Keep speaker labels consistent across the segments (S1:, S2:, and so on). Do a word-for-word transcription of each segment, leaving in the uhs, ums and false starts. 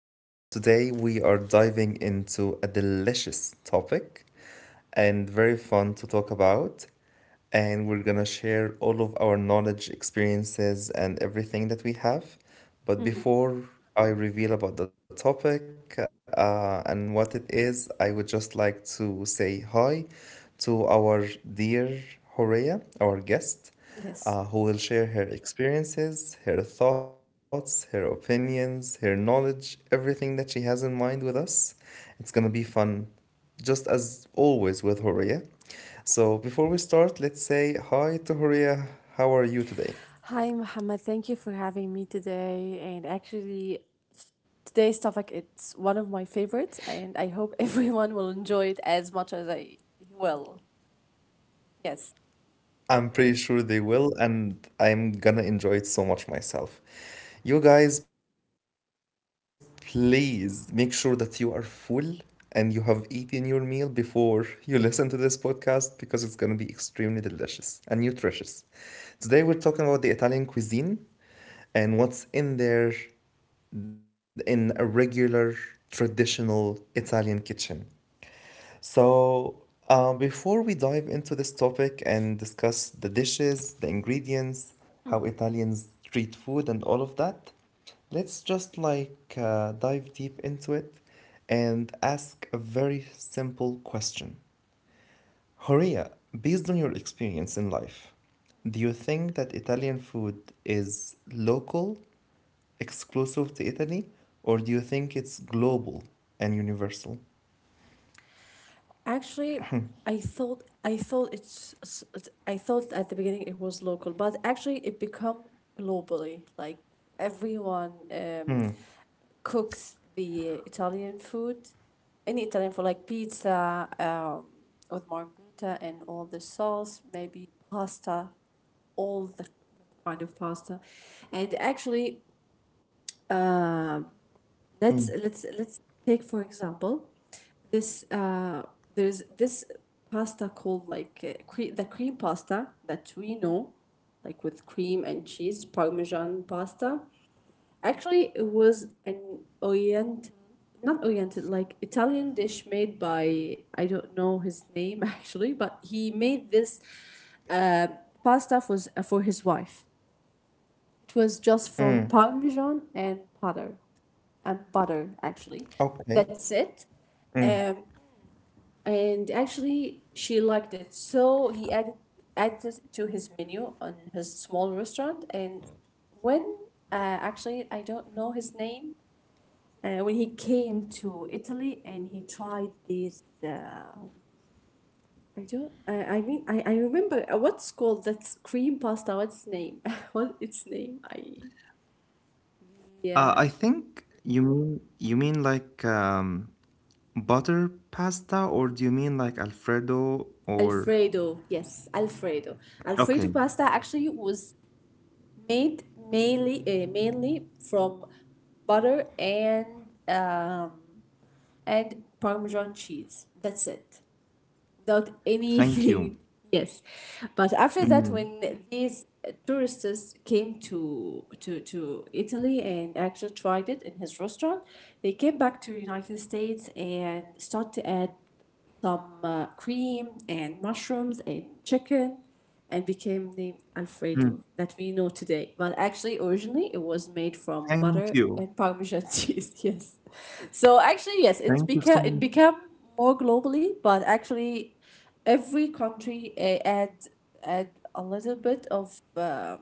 S1: and today we are diving into a delicious topic and very fun to talk about. And we're gonna share all of our knowledge, experiences, and everything that we have. But
S2: Mhm.
S1: before I reveal about the topic uh, and what it is, I would just like to say hi to our dear Horea, our guest,
S2: Yes.
S1: uh, who will share her experiences, her thoughts, her opinions, her knowledge, everything that she has in mind with us. It's gonna be fun, just as always with Horea. So, before we start, let's say hi to Horia. How are you today?
S2: Hi, Mohammed. Thank you for having me today. And actually, today's topic it's one of my favorites, and I hope everyone will enjoy it as much as I will. Yes.
S1: I'm pretty sure they will, and I'm gonna enjoy it so much myself. You guys, please make sure that you are full and you have eaten your meal before you listen to this podcast because it's gonna be extremely delicious and nutritious. Today, we're talking about the Italian cuisine and what's in there in a regular traditional Italian kitchen. So, um, before we dive into this topic and discuss the dishes, the ingredients, how Italians treat food, and all of that, let's just like uh, dive deep into it and ask a very simple question. Horia, based on your experience in life, do you think that Italian food is local, exclusive to Italy, or do you think it's global and universal?
S2: Actually, I thought I thought it's s- s- I thought at the beginning it was local, but actually it become globally. Like everyone um, cooks the Italian food, any Italian food like pizza um, with margherita and all the sauce, maybe pasta, all the kind of pasta, and actually let's let's let's take for example this uh there's this pasta called like uh, cre- the cream pasta that we know, like with cream and cheese parmesan pasta. Actually, it was an oriental, not oriental, like Italian dish made by, I don't know his name, actually, but he made this uh, pasta for, s- for his wife. It was just from parmesan and butter and butter actually.
S1: Okay.
S2: That's it.
S1: Mm.
S2: Um, and actually, she liked it, so he added added it to his menu on his small restaurant. And when uh, actually, I don't know his name. Uh, when he came to Italy and he tried this, uh, I don't. I, I mean, I, I remember uh, what's called that cream pasta. What's name? What its name? I
S1: Uh,
S2: yeah.
S1: I think you mean you mean like um, butter pasta, or do you mean like Alfredo or?
S2: Alfredo, yes, Alfredo. Alfredo
S1: Okay,
S2: pasta actually was made mainly uh, mainly from butter and um, and parmesan cheese. That's it. Without
S1: thank you.
S2: anything. Yes, but after that,
S1: Mm.
S2: when these tourists came to to to Italy and actually tried it in his restaurant, they came back to United States and start to add some uh, cream and mushrooms and chicken and became named
S1: mm,
S2: Alfredo that we know today. But actually, originally, it was made from
S1: Thank
S2: butter
S1: you.
S2: and Parmesan cheese. Yes. So actually, yes, it's
S1: Thank you
S2: become
S1: so
S2: it
S1: much.
S2: became more globally, but actually, every country uh, add add a little bit of uh,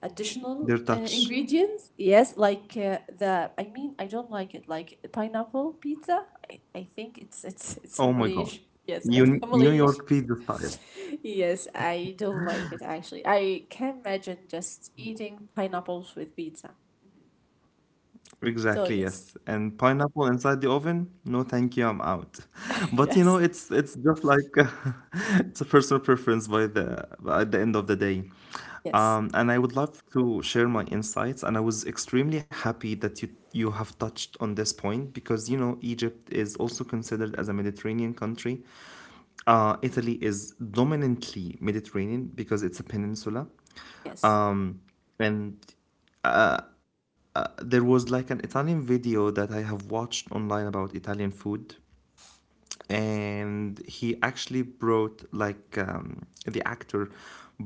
S2: additional
S1: Their
S2: uh,
S1: touch.
S2: ingredients. Yes, like uh, the I mean, I don't like it, like pineapple pizza. I, I think it's it's it's
S1: Oh my God.
S2: heavily, yes. It's
S1: You New
S2: heavily,
S1: York pizza style.
S2: yes. I don't like it, actually. I can imagine just eating pineapples with pizza. So
S1: Exactly,
S2: yes.
S1: yes. And pineapple inside the oven? No, thank you, I'm out. But you
S2: Yes.
S1: know, it's it's just like it's a personal preference by the at the end of the day.
S2: Yes.
S1: Um, and I would love to share my insights. And I was extremely happy that you you have touched on this point because you know Egypt is also considered as a Mediterranean country. Uh, Italy is dominantly Mediterranean because it's a peninsula.
S2: Yes.
S1: Um, and uh, uh, there was like an Italian video that I have watched online about Italian food and he actually brought like um, the actor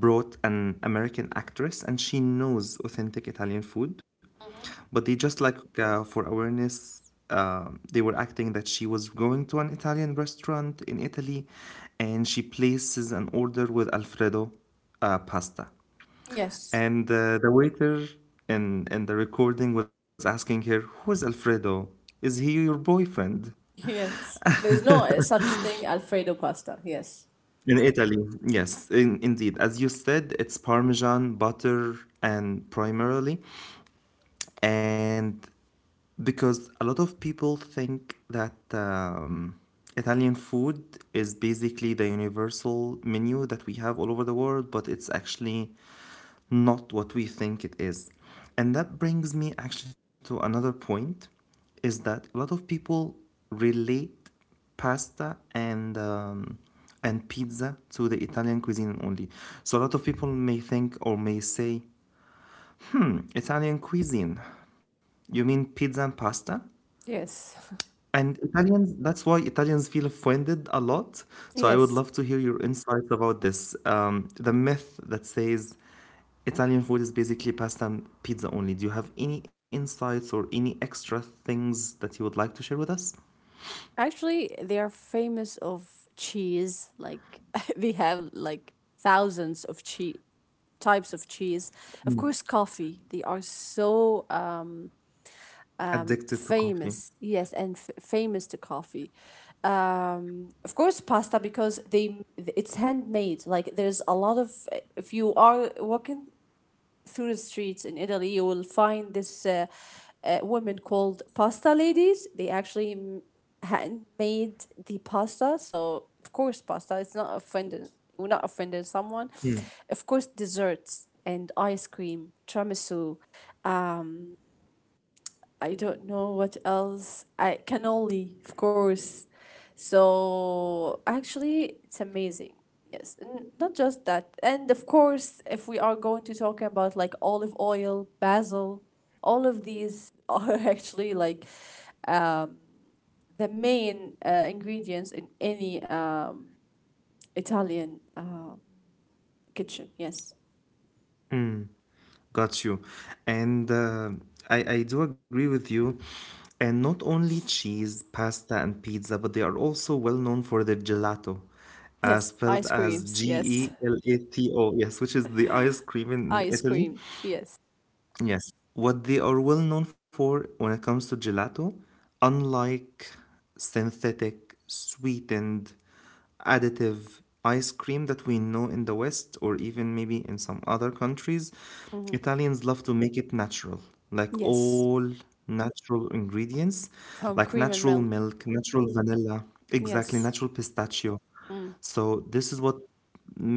S1: brought an American actress, and she knows authentic Italian food,
S2: Mhm.
S1: but they just like uh, for awareness. Uh, they were acting that she was going to an Italian restaurant in Italy, and she places an order with Alfredo uh, pasta.
S2: Yes.
S1: And uh, the waiter in, in the recording was asking her, "Who's Alfredo? Is he your boyfriend?"
S2: Yes. There's no uh, such thing alfredo pasta. Yes.
S1: In Italy, yes, in, indeed. As you said, it's Parmesan, butter, and primarily. And because a lot of people think that um, Italian food is basically the universal menu that we have all over the world, but it's actually not what we think it is. And that brings me actually to another point is that a lot of people relate pasta and um, and pizza to the Italian cuisine only. So a lot of people may think or may say, "Hmm, Italian cuisine. You mean pizza and pasta?"
S2: Yes.
S1: And Italians, that's why Italians feel offended a lot. So I would
S2: Yes.
S1: love to hear your insights about this. Um, the myth that says Italian food is basically pasta and pizza only. Do you have any insights or any extra things that you would like to share with us?
S2: Actually, they are famous of cheese. Like they have like thousands of cheese types of cheese. Of course, coffee. They are so um,
S1: Addicted to coffee.
S2: famous. Yes, and f- famous to coffee. Um, of course, pasta, because they it's handmade. Like there's a lot of if you are walking through the streets in Italy, you will find this uh, uh, women called pasta ladies. They actually m- hand made the pasta. So of course, pasta. It's not offended. We're not offending someone. Of course, desserts and ice cream, tiramisu. I don't know what else. I cannoli, of course. So actually, it's amazing. Yes, and not just that, and of course, if we are going to talk about like olive oil, basil, all of these are actually like the main uh, ingredients in any um, Italian uh, kitchen. Yes.
S1: Got you. And uh, I, I do agree with you. And not only cheese, pasta, and pizza, but they are also well known for their gelato, uh,
S2: Yes.
S1: spelled
S2: Ice
S1: as
S2: creams,
S1: G
S2: yes.
S1: E L A T O, yes, which is the ice cream in
S2: Ice
S1: Italy.
S2: cream, yes.
S1: Yes, what they are well known for when it comes to gelato, unlike synthetic, sweetened, additive ice cream that we know in the West or even maybe in some other countries,
S2: Mm-hmm.
S1: Italians love to make it natural, like
S2: Yes.
S1: all natural ingredients,
S2: From
S1: like
S2: cream and
S1: natural
S2: milk.
S1: milk, natural vanilla, exactly,
S2: Yes.
S1: natural pistachio.
S2: Mm.
S1: So this is what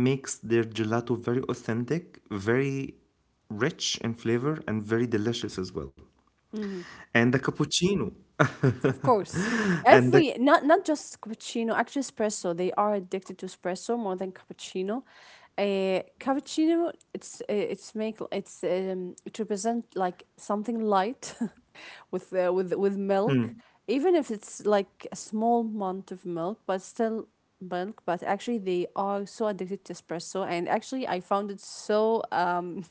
S1: makes their gelato very authentic, very rich in flavor and very delicious as well.
S2: Mm-hmm.
S1: And the cappuccino.
S2: Of course.
S1: and the
S2: Every not not just cappuccino, actually espresso. They are addicted to espresso more than cappuccino. Uh, cappuccino, it's uh, it's make it's um it represent like something light, with uh, with with
S1: mm,
S2: milk, even if it's like a small amount of milk, but still milk. But actually, they are so addicted to espresso, and actually I found it so um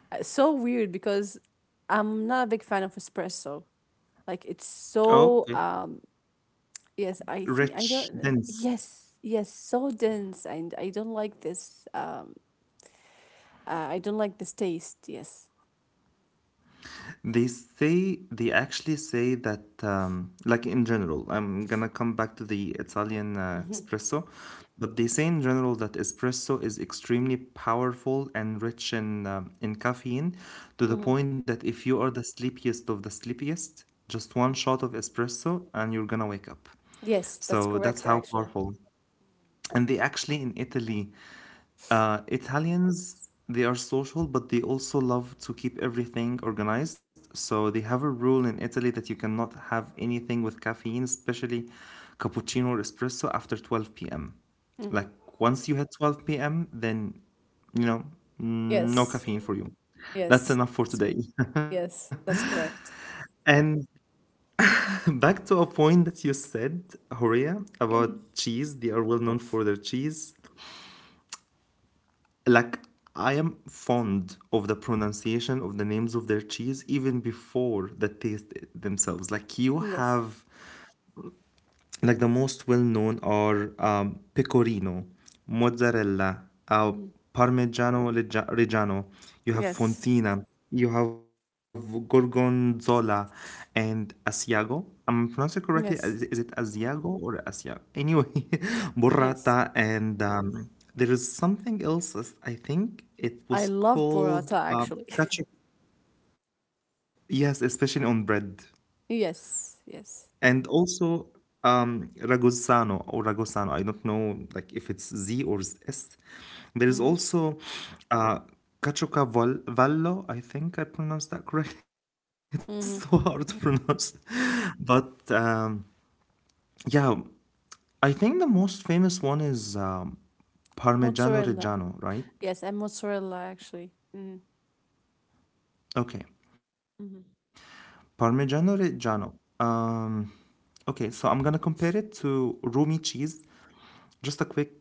S2: so weird because I'm not a big fan of espresso. Like it's so
S1: okay,
S2: um Yes, I think I
S1: rich,
S2: don't.
S1: dense.
S2: Yes, yes, so dense, and I don't like this. Um, uh, I don't like this taste. Yes.
S1: They say they actually say that um, like in general, I'm gonna come back to the Italian uh,
S2: Hmm.
S1: espresso, but they say in general that espresso is extremely powerful and rich in um, in caffeine to the
S2: Hmm.
S1: point that if you are the sleepiest of the sleepiest, just one shot of espresso and you're gonna wake up.
S2: Yes, that's
S1: So that's
S2: correct.
S1: how
S2: Actually.
S1: powerful and they actually in Italy, uh, Italians they are social, but they also love to keep everything organized. So they have a rule in Italy that you cannot have anything with caffeine, especially cappuccino or espresso, after twelve p m.
S2: Hmm.
S1: Like once you hit twelve p m, then you know no
S2: Yes.
S1: caffeine for you.
S2: Yes.
S1: That's enough for
S2: S-.
S1: today.
S2: Yes, that's correct.
S1: And back to a point that you said, Horia, about cheese. They are well known for their cheese. Like I am fond of the pronunciation of the names of their cheese even before the taste themselves. Like you
S2: Yes.
S1: have like the most well known are um, pecorino, mozzarella, uh,
S2: Hmm.
S1: parmigiano reggia- reggiano. You have
S2: Yes.
S1: fontina, you have gorgonzola, and asiago. I'm pronouncing it correctly. Is,
S2: Yes.
S1: is it asiago or asiago? Anyway,
S2: Yes.
S1: burrata, and um, there is something else. as- I think it
S2: I
S1: was
S2: love burrata
S1: called
S2: actually.
S1: um, cacio. Yes, especially on bread.
S2: Yes. Yes.
S1: And also um, Ragusano or Ragusano, I don't know like if it's Z or S.
S2: Hmm.
S1: There is also uh, Caccioca Vol- Vallo, I think I pronounced that correctly. It's so
S2: Hmm.
S1: hard to pronounce. But um, yeah, I think the most famous one is um,
S2: Mozzarella.
S1: Parmigiano Reggiano,
S2: Yes,
S1: right?
S2: and mozzarella actually. Hmm.
S1: Okay,
S2: Hmm.
S1: Parmigiano Reggiano. Um, okay, so I'm gonna compare it to Rumi cheese. Just a quick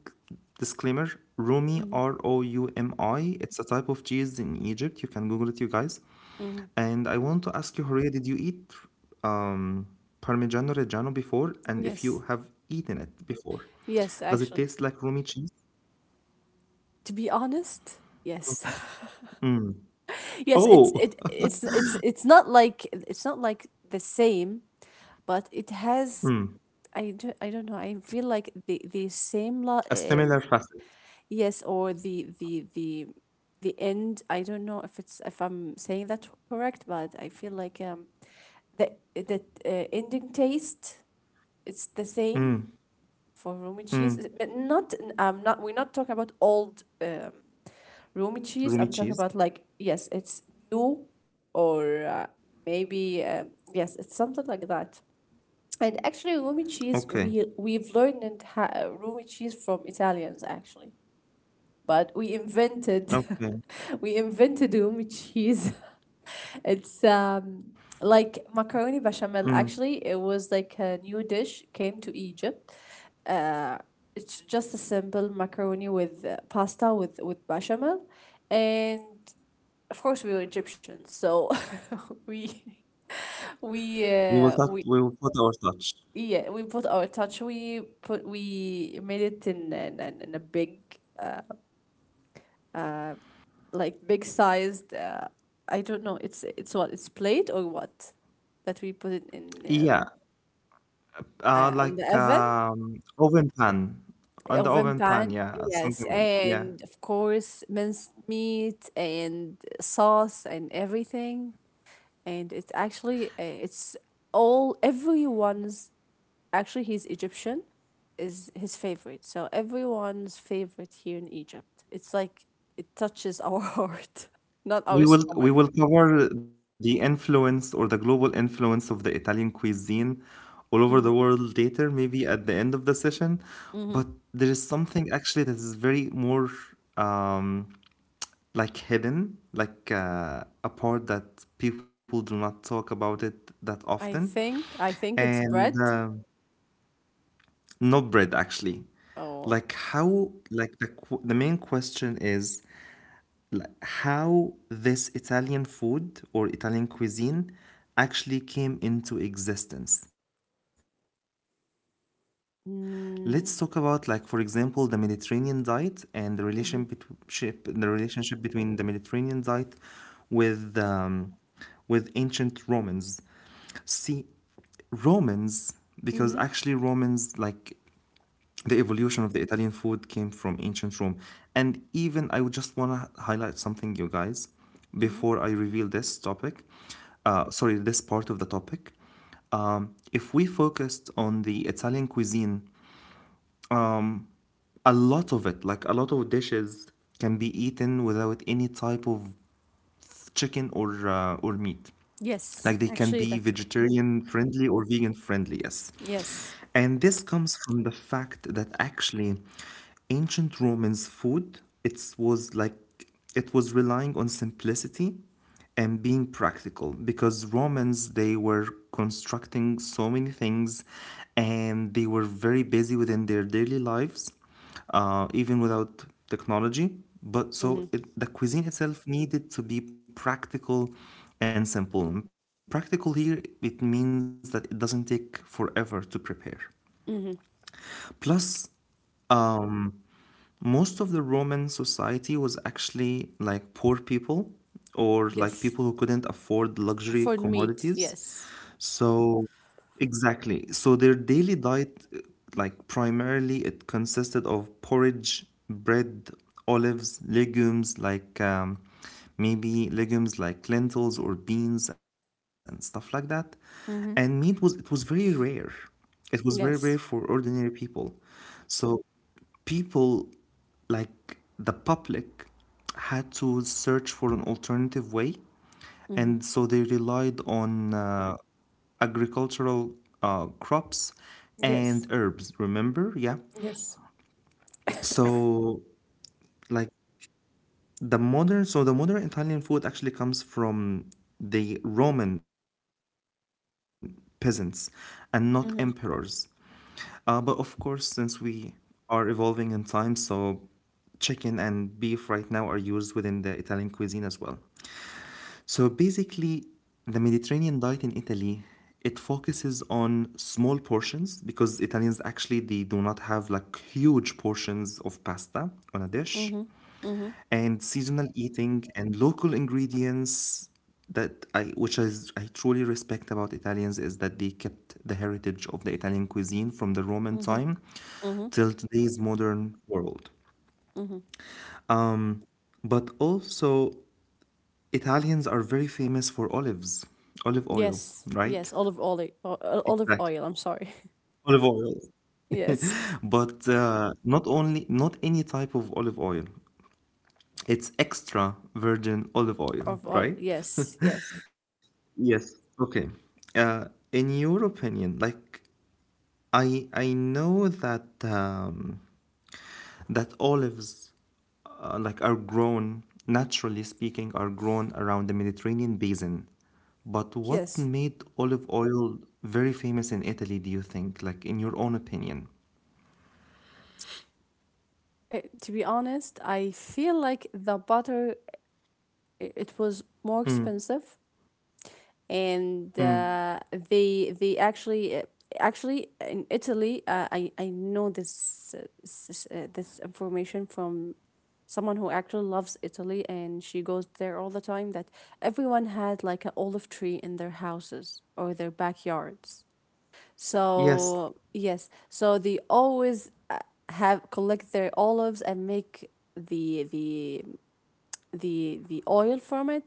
S1: disclaimer Rumi,
S2: Hmm.
S1: R O U M I, it's a type of cheese in Egypt. You can Google it, you guys.
S2: Hmm.
S1: And I want to ask you, Horia, did you eat um, Parmigiano Reggiano before? And if you
S2: Yes.
S1: have eaten it before,
S2: Yes,
S1: does it
S2: actually.
S1: taste like Rumi cheese?
S2: To be honest, yes.
S1: Okay. Mm.
S2: Yes, it's
S1: Oh,
S2: it it's it's it's not like, it's not like the same, but it has,
S1: mm.
S2: I don't I don't know. I feel like the the same lo
S1: A similar
S2: um
S1: facet.
S2: yes, or the the the the end. I don't know if it's if I'm saying that correct, but I feel like um the the uh, ending taste, it's the same
S1: Mm.
S2: for Roman cheese. Is
S1: Mm.
S2: it? But Not I'm not we're not talking about old um Romi cheese. I'm talking
S1: Rumi
S2: about
S1: cheese.
S2: like, yes, it's new, or uh, maybe, um, yes, it's something like that. And actually, Romi
S1: Okay.
S2: cheese, we, we've learned ha- Romi cheese from Italians, actually, but we invented
S1: Okay.
S2: we invented um cheese. It's um like macaroni
S1: Mm.
S2: bechamel. Actually, it was like a new dish came to Egypt. Uh, it's just a simple macaroni with uh, pasta with with bechamel, and of course we were Egyptians, so we we
S1: We will
S2: uh,
S1: touch.
S2: we
S1: We will put our touch.
S2: yeah we put our touch. We put we made it in in, in in a big. uh, like big sized. Uh, I don't know. It's it's what it's plate or what that we put it in uh,
S1: Yeah, Uh,
S2: uh, on the
S1: like
S2: oven
S1: um, oven pan on the
S2: oven
S1: oven pan,
S2: pan.
S1: yeah,
S2: Yes,
S1: something, yeah.
S2: and of course minced meat and sauce and everything. And it's actually uh, it's all everyone's. Actually, he's Egyptian, is his favorite. So everyone's favorite here in Egypt. It's like it touches our heart, not our
S1: We will
S2: stomach.
S1: we will cover the influence or the global influence of the Italian cuisine all over
S2: Mm-hmm.
S1: the world later, maybe at the end of the session.
S2: Mm-hmm.
S1: But there is something actually that is very more um, like hidden, like uh, a part that people do not talk about it that
S2: I
S1: often,
S2: think I think it's
S1: and.
S2: bread.
S1: Uh, Not bread, actually.
S2: Oh.
S1: Like how, like the qu- the main question is like how this Italian food or Italian cuisine actually came into existence. Let's talk about like for example the Mediterranean
S2: Mm.
S1: diet and the relation between the relationship between the
S2: Mm-hmm.
S1: Mediterranean diet with um, with ancient Romans. See, Romans, because actually Romans like
S2: Mm-hmm.
S1: the evolution of the Italian food came from ancient Rome. And even I would just want to highlight something, you guys, before I reveal
S2: Mm-hmm.
S1: this topic. Uh, sorry, this part of the topic. Um, if we focused on the Italian cuisine, um, a lot of it, like a lot of dishes, can be eaten without any type of chicken or uh, or meat.
S2: Yes,
S1: Like they can
S2: actually,
S1: be
S2: that's correct.
S1: vegetarian friendly or vegan friendly, yes.
S2: Yes.
S1: And this comes from the fact that actually ancient Romans food it was like it was relying on simplicity and being practical because Romans they were constructing so many things and they were very busy within their daily lives uh, even without technology. But
S2: Mm-hmm.
S1: so it, the cuisine itself needed to be practical and simple. And practical here, it means that it doesn't take forever to prepare.
S2: Mm-hmm.
S1: Plus, um, most of the Roman society was actually like poor people or like
S2: Yes.
S1: people who couldn't afford luxury
S2: For meat.
S1: commodities.
S2: Yes.
S1: So, exactly. So their daily diet, uh, like primarily, it consisted of porridge, bread, olives, legumes, like um, maybe legumes like lentils or beans and stuff like that. And meat was it
S2: Mm-hmm.
S1: was very rare. It was very rare for
S2: Yes.
S1: ordinary people. So people like the public had to search for an alternative way
S2: Mm-hmm.
S1: and so they relied on uh, agricultural uh, crops and
S2: Yes.
S1: herbs remember yeah
S2: Yes.
S1: so like the modern, so the modern Italian food actually comes from the Roman peasants and not emperors. Uh,
S2: Mm-hmm.
S1: but of course, since we are evolving in time, so chicken and beef right now are used within the Italian cuisine as well. So basically, the Mediterranean diet in Italy it focuses on small portions because Italians actually they do not have like huge portions of pasta on a dish
S2: Mm-hmm. Mm-hmm.
S1: and seasonal eating and local ingredients that I which I, I truly respect about Italians is that they kept the heritage of the Italian cuisine from the Roman
S2: Mm-hmm.
S1: time
S2: Mm-hmm.
S1: till today's modern world.
S2: Mm-hmm.
S1: Um, but also Italians are very famous for olives, olive oil,
S2: Yes. Yes.
S1: right?
S2: Olive oil. o- o- Olive
S1: Exactly.
S2: oil. I'm sorry.
S1: Olive oil.
S2: Yes.
S1: But uh, not only not any type of olive oil. It's extra virgin olive
S2: Olive
S1: oil,
S2: oil.
S1: right?
S2: Yes. Yes.
S1: Yes. Okay. Uh, in your opinion, like I I know that um, that olives, uh, like are grown naturally speaking, are grown around the Mediterranean basin. But what
S2: Yes.
S1: made olive oil very famous in Italy, do you think? Like in your own opinion?
S2: Eh, to be honest, I feel like the butter, i- it was more
S1: Mm,
S2: expensive, and
S1: mm.
S2: uh, they they actually uh, actually in Italy, uh, I I know this uh, s- s- uh, this information from someone who actually loves Italy and she goes there all the time, that everyone had like an olive tree in their houses or their backyards.
S1: Yes,
S2: So yes, so they always uh, have collect their olives and make the the the the oil from it.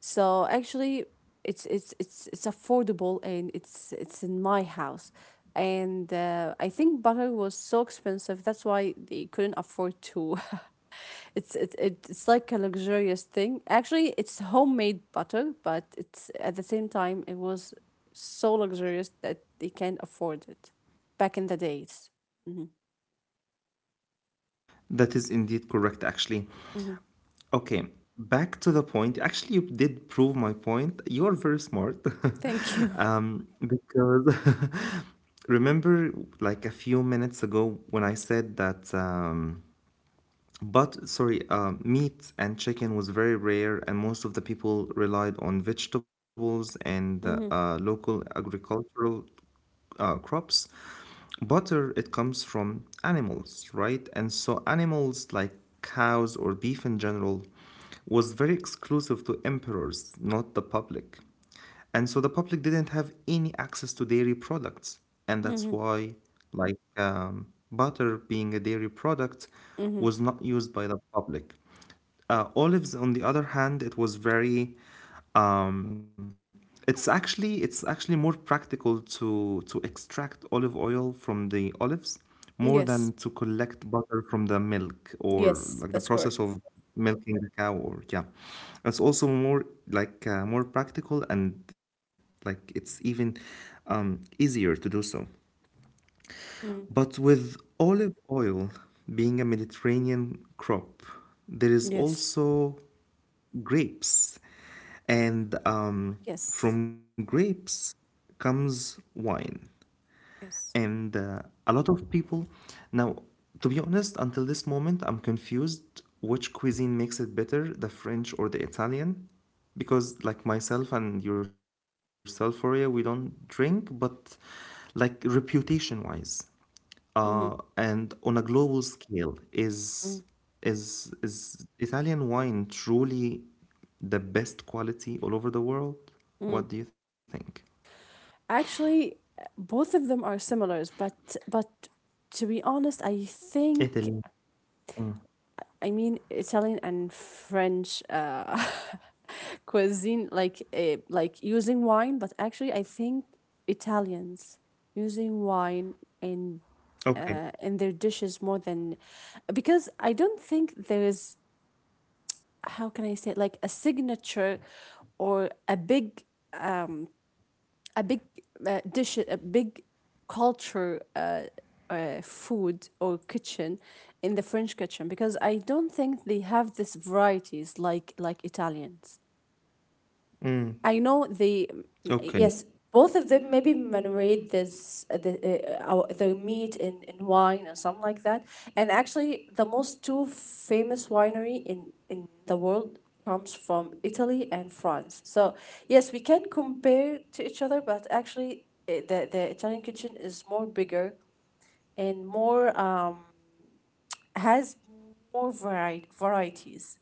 S2: So actually, it's it's it's it's affordable, and it's it's in my house. And uh, I think butter was so expensive. That's why they couldn't afford to. it's it, it it's like a luxurious thing. Actually, it's homemade butter, but it's at the same time it was so luxurious that they can't afford it. Back in the days. Hmm.
S1: that is indeed correct, actually.
S2: Hmm.
S1: Okay, back to the point. Actually, you did prove my point. You are very smart.
S2: Thank you.
S1: Um, because remember, like a few minutes ago, when I said that, um, but sorry, uh, meat and chicken was very rare, and most of the people relied on vegetables and uh, uh,
S2: Hmm.
S1: local agricultural uh, crops. Butter, it comes from animals, right? And so animals like cows or beef in general was very exclusive to emperors, not the public. And so the public didn't have any access to dairy products. And that's
S2: Hmm.
S1: why, like, um, butter being a dairy product
S2: Hmm.
S1: was not used by the public. Uh, olives, on the other hand, it was very. Um, it's actually it's actually more practical to to extract olive oil from the olives more than
S2: Yes.
S1: to collect butter from the milk or
S2: Yes,
S1: like the
S2: that's
S1: process
S2: correct.
S1: of milking the cow or yeah it's also more like uh, more practical and like it's even um, easier to do so
S2: Mm.
S1: but with olive oil being a Mediterranean crop, there is
S2: Yes.
S1: also grapes. And um,
S2: Yes.
S1: From grapes comes wine.
S2: Yes.
S1: And uh, A lot of people. Now, to be honest, until this moment, I'm confused which cuisine makes it better, the French or the Italian. Because, like myself and yourself, Horia, we don't drink, but like reputation wise, uh,
S2: Mm-hmm.
S1: and on a global scale, is
S2: Mm-hmm.
S1: is is Italian wine truly the best quality all over the world?
S2: Mm.
S1: What do you think?
S2: Actually, both of them are similars, but but to be honest, I
S1: Italy.
S2: think, I mean Italian and French uh, cuisine, like uh, like using wine. But actually, I think Italians using wine in
S1: Okay.
S2: uh, in their dishes more than, because I don't think there is, how can I say it, like a signature, or a big a big uh, dish, a big culture, uh, uh, food or kitchen in the French kitchen, because I don't think they have this varieties like like Italians.
S1: Mm.
S2: I know the
S1: Okay.
S2: yes, both of them maybe marinate this uh, the uh, our, the meat in, in wine or something like that. And actually, the most two famous winery in in the world comes from Italy and France. So yes, we can compare to each other, but actually, uh, the the Italian kitchen is more bigger and more um has more vari- varieties,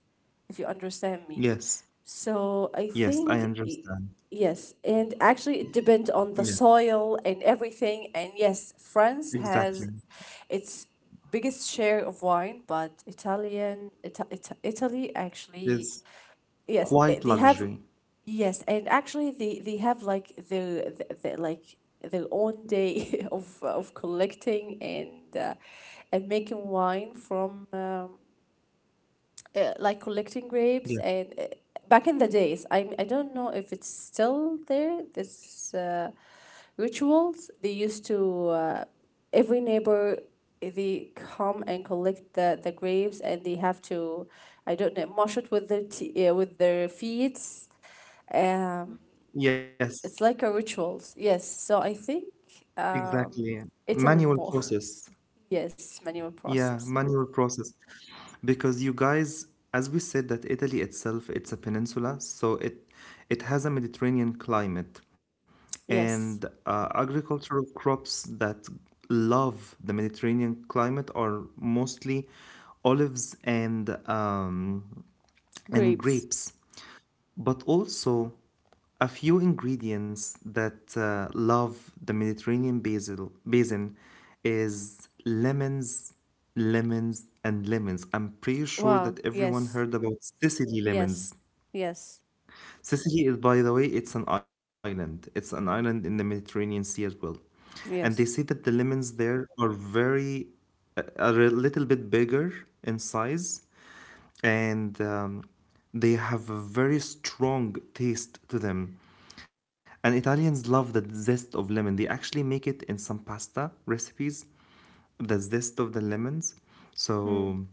S2: if you understand me.
S1: Yes,
S2: So I
S1: yes,
S2: think
S1: I
S2: y-
S1: understand.
S2: yes, and actually it depends on the
S1: Yeah,
S2: soil and everything. And yes, France has
S1: exactly.
S2: its biggest share of wine, but Italian Ita- Ita- Italy actually.
S1: It's
S2: Yes, uh, they
S1: quite
S2: have.
S1: luxury.
S2: Yes, and actually, they they have like their, the, the like their own day of of collecting and uh, and making wine from um, uh, like collecting grapes,
S1: Yeah,
S2: and uh, back in the days. I, I don't know if it's still there this uh, rituals they used to uh, every neighbor, they come and collect the, the grapes, and they have to, I don't know, mash it with their t- uh, with their feet, um,
S1: yes,
S2: it's like a rituals. Yes, so I think, um,
S1: exactly.
S2: Italy
S1: Manual
S2: more.
S1: process.
S2: Yes, manual
S1: Yeah,
S2: process.
S1: manual process. Because you guys, as we said, that Italy itself, it's a peninsula, so it it has a Mediterranean climate and
S2: Yes.
S1: uh, agricultural crops that love the Mediterranean climate are mostly olives and um, and
S2: Grapes.
S1: grapes but also a few ingredients that uh, love the Mediterranean basil, basin is lemons, lemons, and lemons. I'm pretty sure
S2: Wow,
S1: that everyone
S2: yes.
S1: heard about Sicily
S2: Yes.
S1: lemons.
S2: Yes.
S1: Sicily is, by the way, it's an island. It's an island in the Mediterranean Sea as well. And they say
S2: Yes.
S1: that the lemons there are very, uh, are a little bit bigger in size, and um, they have a very strong taste to them. And Italians love the zest of lemon. They actually make it in some pasta recipes, the zest of the lemons.
S2: Mm.
S1: So,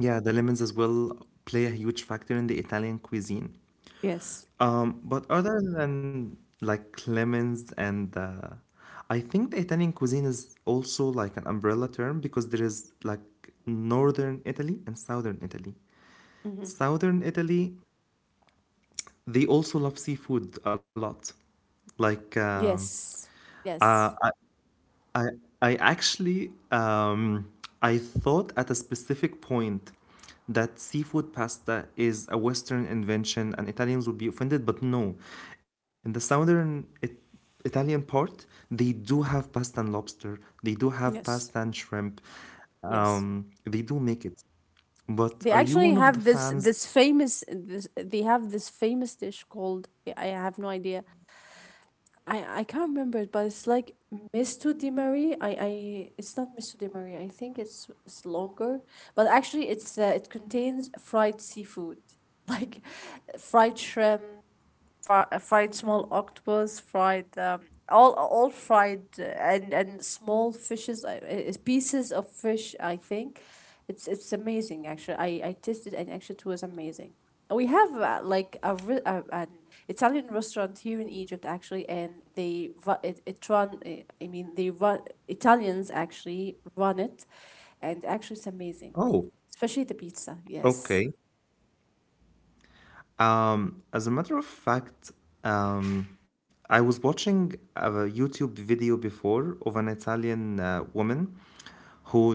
S1: yeah, the lemons as well play a huge factor in the Italian cuisine.
S2: Yes.
S1: Um, but other than like lemons and uh, I think the Italian cuisine is also like an umbrella term because there is like northern Italy and southern Italy.
S2: Hmm.
S1: Southern Italy, they also love seafood a lot. Like um,
S2: Yes.
S1: uh,
S2: Yes.
S1: I I actually um, I thought at a specific point that seafood pasta is a Western invention and Italians would be offended, but no, in the southern it, Italian part they do have pasta and lobster, they do have pasta
S2: Yes.
S1: and shrimp,
S2: Yes.
S1: um, they do make it. But
S2: They
S1: are you
S2: actually
S1: one of the
S2: have this,
S1: fans?
S2: this famous this they have this famous dish called, I I have no idea. I I can't remember it, but it's like misto di Marie. I I it's not misto di Marie, I think it's it's longer, but actually it's uh, it contains fried seafood, like fried shrimp, fri- uh, fried small octopus, fried um, all all fried, uh, and and small fishes, uh, uh, pieces of fish. I think it's it's amazing. Actually, I I tasted, and actually it was amazing. We have uh, like a, re- a an Italian restaurant here in Egypt actually, and they ru- it, it run. uh, I mean, they run Italians actually run it, and actually it's amazing,
S1: Oh,
S2: especially the pizza. Yes,
S1: okay. Um, as a matter of fact, um, I was watching a YouTube video before of an Italian uh, woman who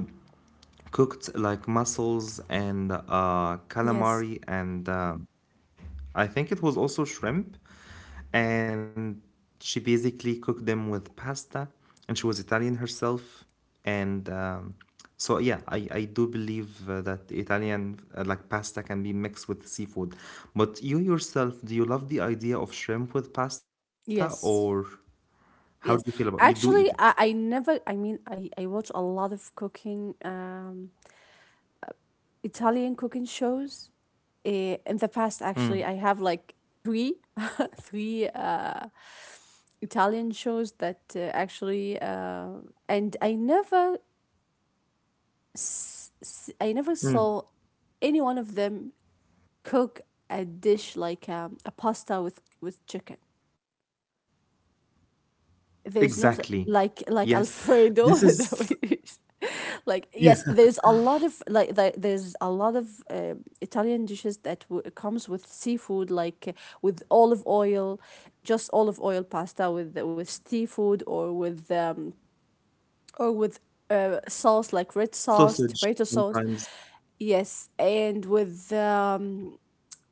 S1: cooked like mussels and uh,
S2: yes,
S1: calamari and uh, I think it was also shrimp. And she basically cooked them with pasta. And she was Italian herself. And um, So, yeah, I, I do believe uh, that Italian uh, like pasta can be mixed with seafood. But you yourself, do you love the idea of shrimp with pasta or
S2: yes.
S1: how do you feel
S2: Yes,
S1: about You do eat it.
S2: actually, I, I never. I mean, I I watch a lot of cooking, um, Italian cooking shows. Uh, in the past, actually,
S1: Mm.
S2: I have like three, three uh, Italian shows that uh, actually, uh, and I never, s- s- I never
S1: Mm.
S2: saw any one of them cook a dish like um, a pasta with with chicken.
S1: Exactly.
S2: There's not like
S1: Yes.
S2: like
S1: This
S2: Alfredo
S1: is
S2: that we use.
S1: yeah,
S2: Like yes, there's a lot of like the- there's a lot of uh, Italian dishes that w- comes with seafood, like uh, with olive oil, just olive oil pasta with with seafood or with um or with uh, sauce like red sauce,
S1: sausage
S2: tomato sauce.
S1: sometimes.
S2: Yes, and with um,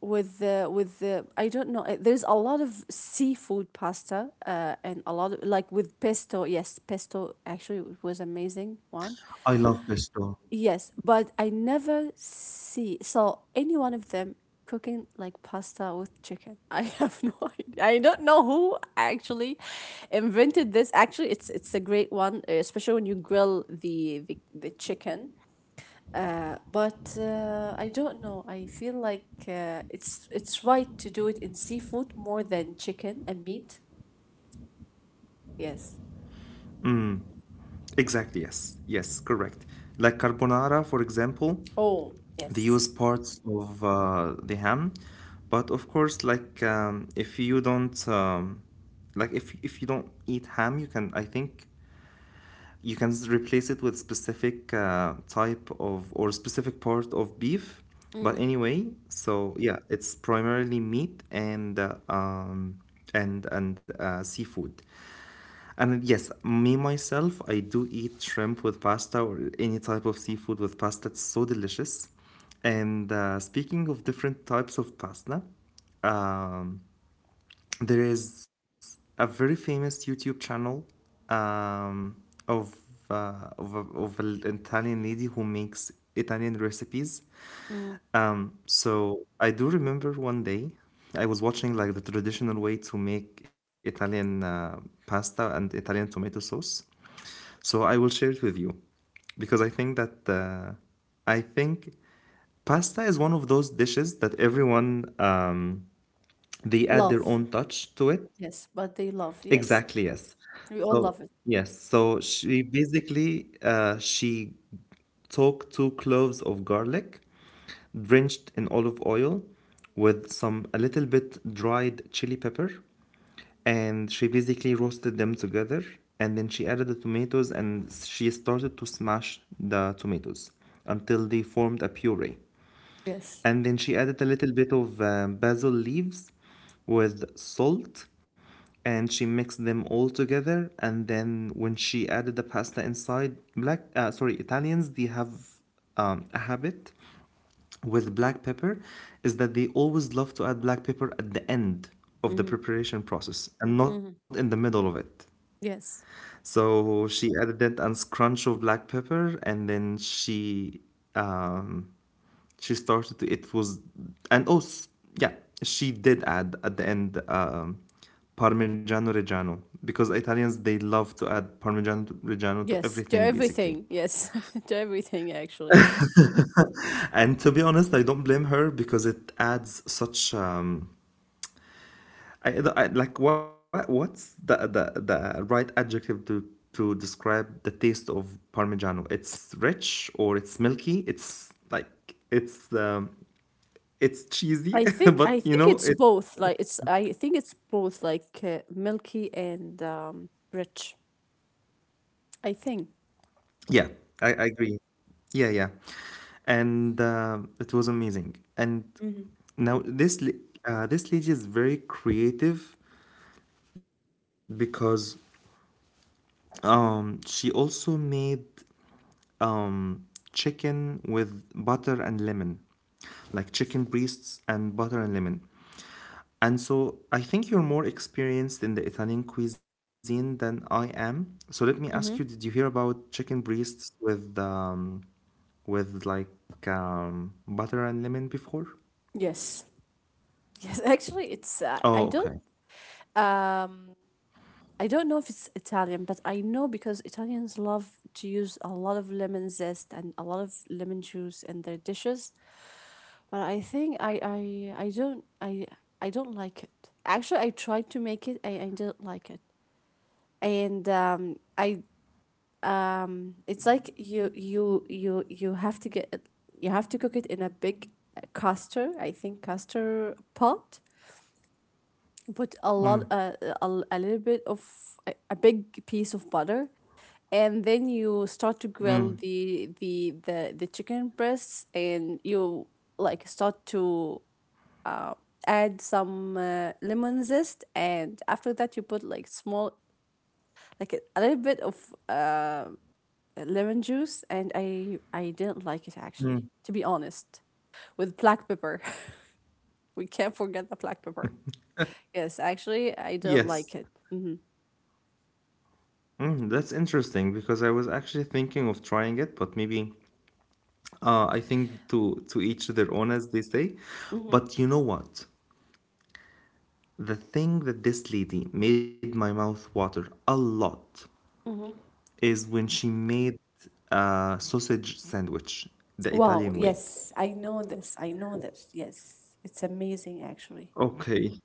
S2: with the with the I don't know. uh, There's a lot of seafood pasta, uh, and a lot of like with pesto. Yes, pesto actually it was amazing one.
S1: I love pesto.
S2: Yes, but I never see saw any one of them cooking like pasta with chicken. I have no idea. I don't know who actually invented this. Actually, it's it's a great one, uh, especially when you grill the the, the chicken uh, but uh, I don't know. I feel like uh, it's it's right to do it in seafood more than chicken and meat. Yes.
S1: Exactly, yes. Yes, correct. Like carbonara, for example,
S2: Oh,
S1: they
S2: yes.
S1: use parts of uh, the ham, but of course, like um, if you don't um, like if if you don't eat ham, you can I think you can s- replace it with specific uh, type of or specific part of beef. But anyway, so yeah, it's primarily meat and uh, um, and and uh, seafood. And yes, me myself, I do eat shrimp with pasta or any type of seafood with pasta. It's so delicious. And uh, Speaking of different types of pasta, um, there is a very famous YouTube channel um, of, uh, of, a- of an Italian lady who makes Italian recipes.
S2: Mm.
S1: Um, so I do remember one day I was watching like the traditional way to make Italian uh, pasta and Italian tomato sauce. So I will share it with you because I think that uh, I think pasta is one of those dishes that everyone um, they add
S2: Love.
S1: their own touch to it.
S2: Yes, but they love.
S1: Exactly, yes.
S2: Yes,
S1: So,
S2: we all love it.
S1: yes. So she basically uh, she took two cloves of garlic, drenched in olive oil, with some a little bit dried chili pepper, and she basically roasted them together. And then she added the tomatoes, and she started to smash the tomatoes until they formed a puree.
S2: Yes.
S1: And then she added a little bit of uh, basil leaves with salt and she mixed them all together. And then when she added the pasta inside, black, uh, sorry, Italians, they have um, a habit with black pepper is that they always love to add black pepper at the end of the
S2: Mm-hmm.
S1: preparation process and not in
S2: Mm-hmm.
S1: the middle of it.
S2: Yes.
S1: So she added it and scrunch of black pepper, and then she um, she started. to- It was and oh s- yeah, she did add at the end um, Parmigiano Reggiano because Italians they love to add Parmigiano Reggiano to
S2: Yes. To
S1: everything basically.
S2: everything. Yes. To everything. Actually,
S1: And to be honest, I don't blame her because it adds such um, I, I like what what's the, the the right adjective to to describe the taste of Parmigiano? It's rich or it's milky. It's like it's um, it's
S2: I
S1: cheesy,
S2: think I think
S1: but you
S2: it's
S1: know it.
S2: both. Like it's I think it's both like uh, milky and um, rich. I think.
S1: Yeah, I, I agree. Yeah, yeah, and uh, it was amazing. And now this la- uh, this lady is very creative because um she also made um, chicken with butter and lemon, like chicken breasts and butter and lemon. And so I think you're more experienced in the Italian cuisine than I am. So let me ask you, did you
S2: Mm-hmm.
S1: hear about chicken breasts with um, with like um, butter and lemon before?
S2: Yes. Yes, actually, it's uh, I
S1: Oh,
S2: don't
S1: okay.
S2: um I don't know if it's Italian, but I know because Italians love to use a lot of lemon zest and a lot of lemon juice in their dishes. But I think I I I don't I I don't like it. Actually, I tried to make it. I I don't like it, and um I um it's like you you you you have to get it. You have to cook it in a big uh, castor, I think castor pot put a lot uh, uh, a, a little bit of a, a big piece of butter and then you start to
S1: Mm,
S2: grill the the the, the chicken breasts and you like start to uh, add some uh, lemon zest and after that you put like small like a, a little bit of uh, lemon juice and i i didn't like it
S1: mm.
S2: actually to be honest with black pepper we can't forget the black pepper yes actually I don't like
S1: Yes.
S2: it. Hmm.
S1: Mm, that's interesting because I was actually thinking of trying it, but maybe Uh, I think to to each their own, as they say. But you know what? The thing that this lady made my mouth water a lot
S2: Hmm.
S1: is when she made a sausage sandwich the
S2: Wow,
S1: Italian way.
S2: yes, I know this. I know this. Yes, it's amazing actually.
S1: Okay.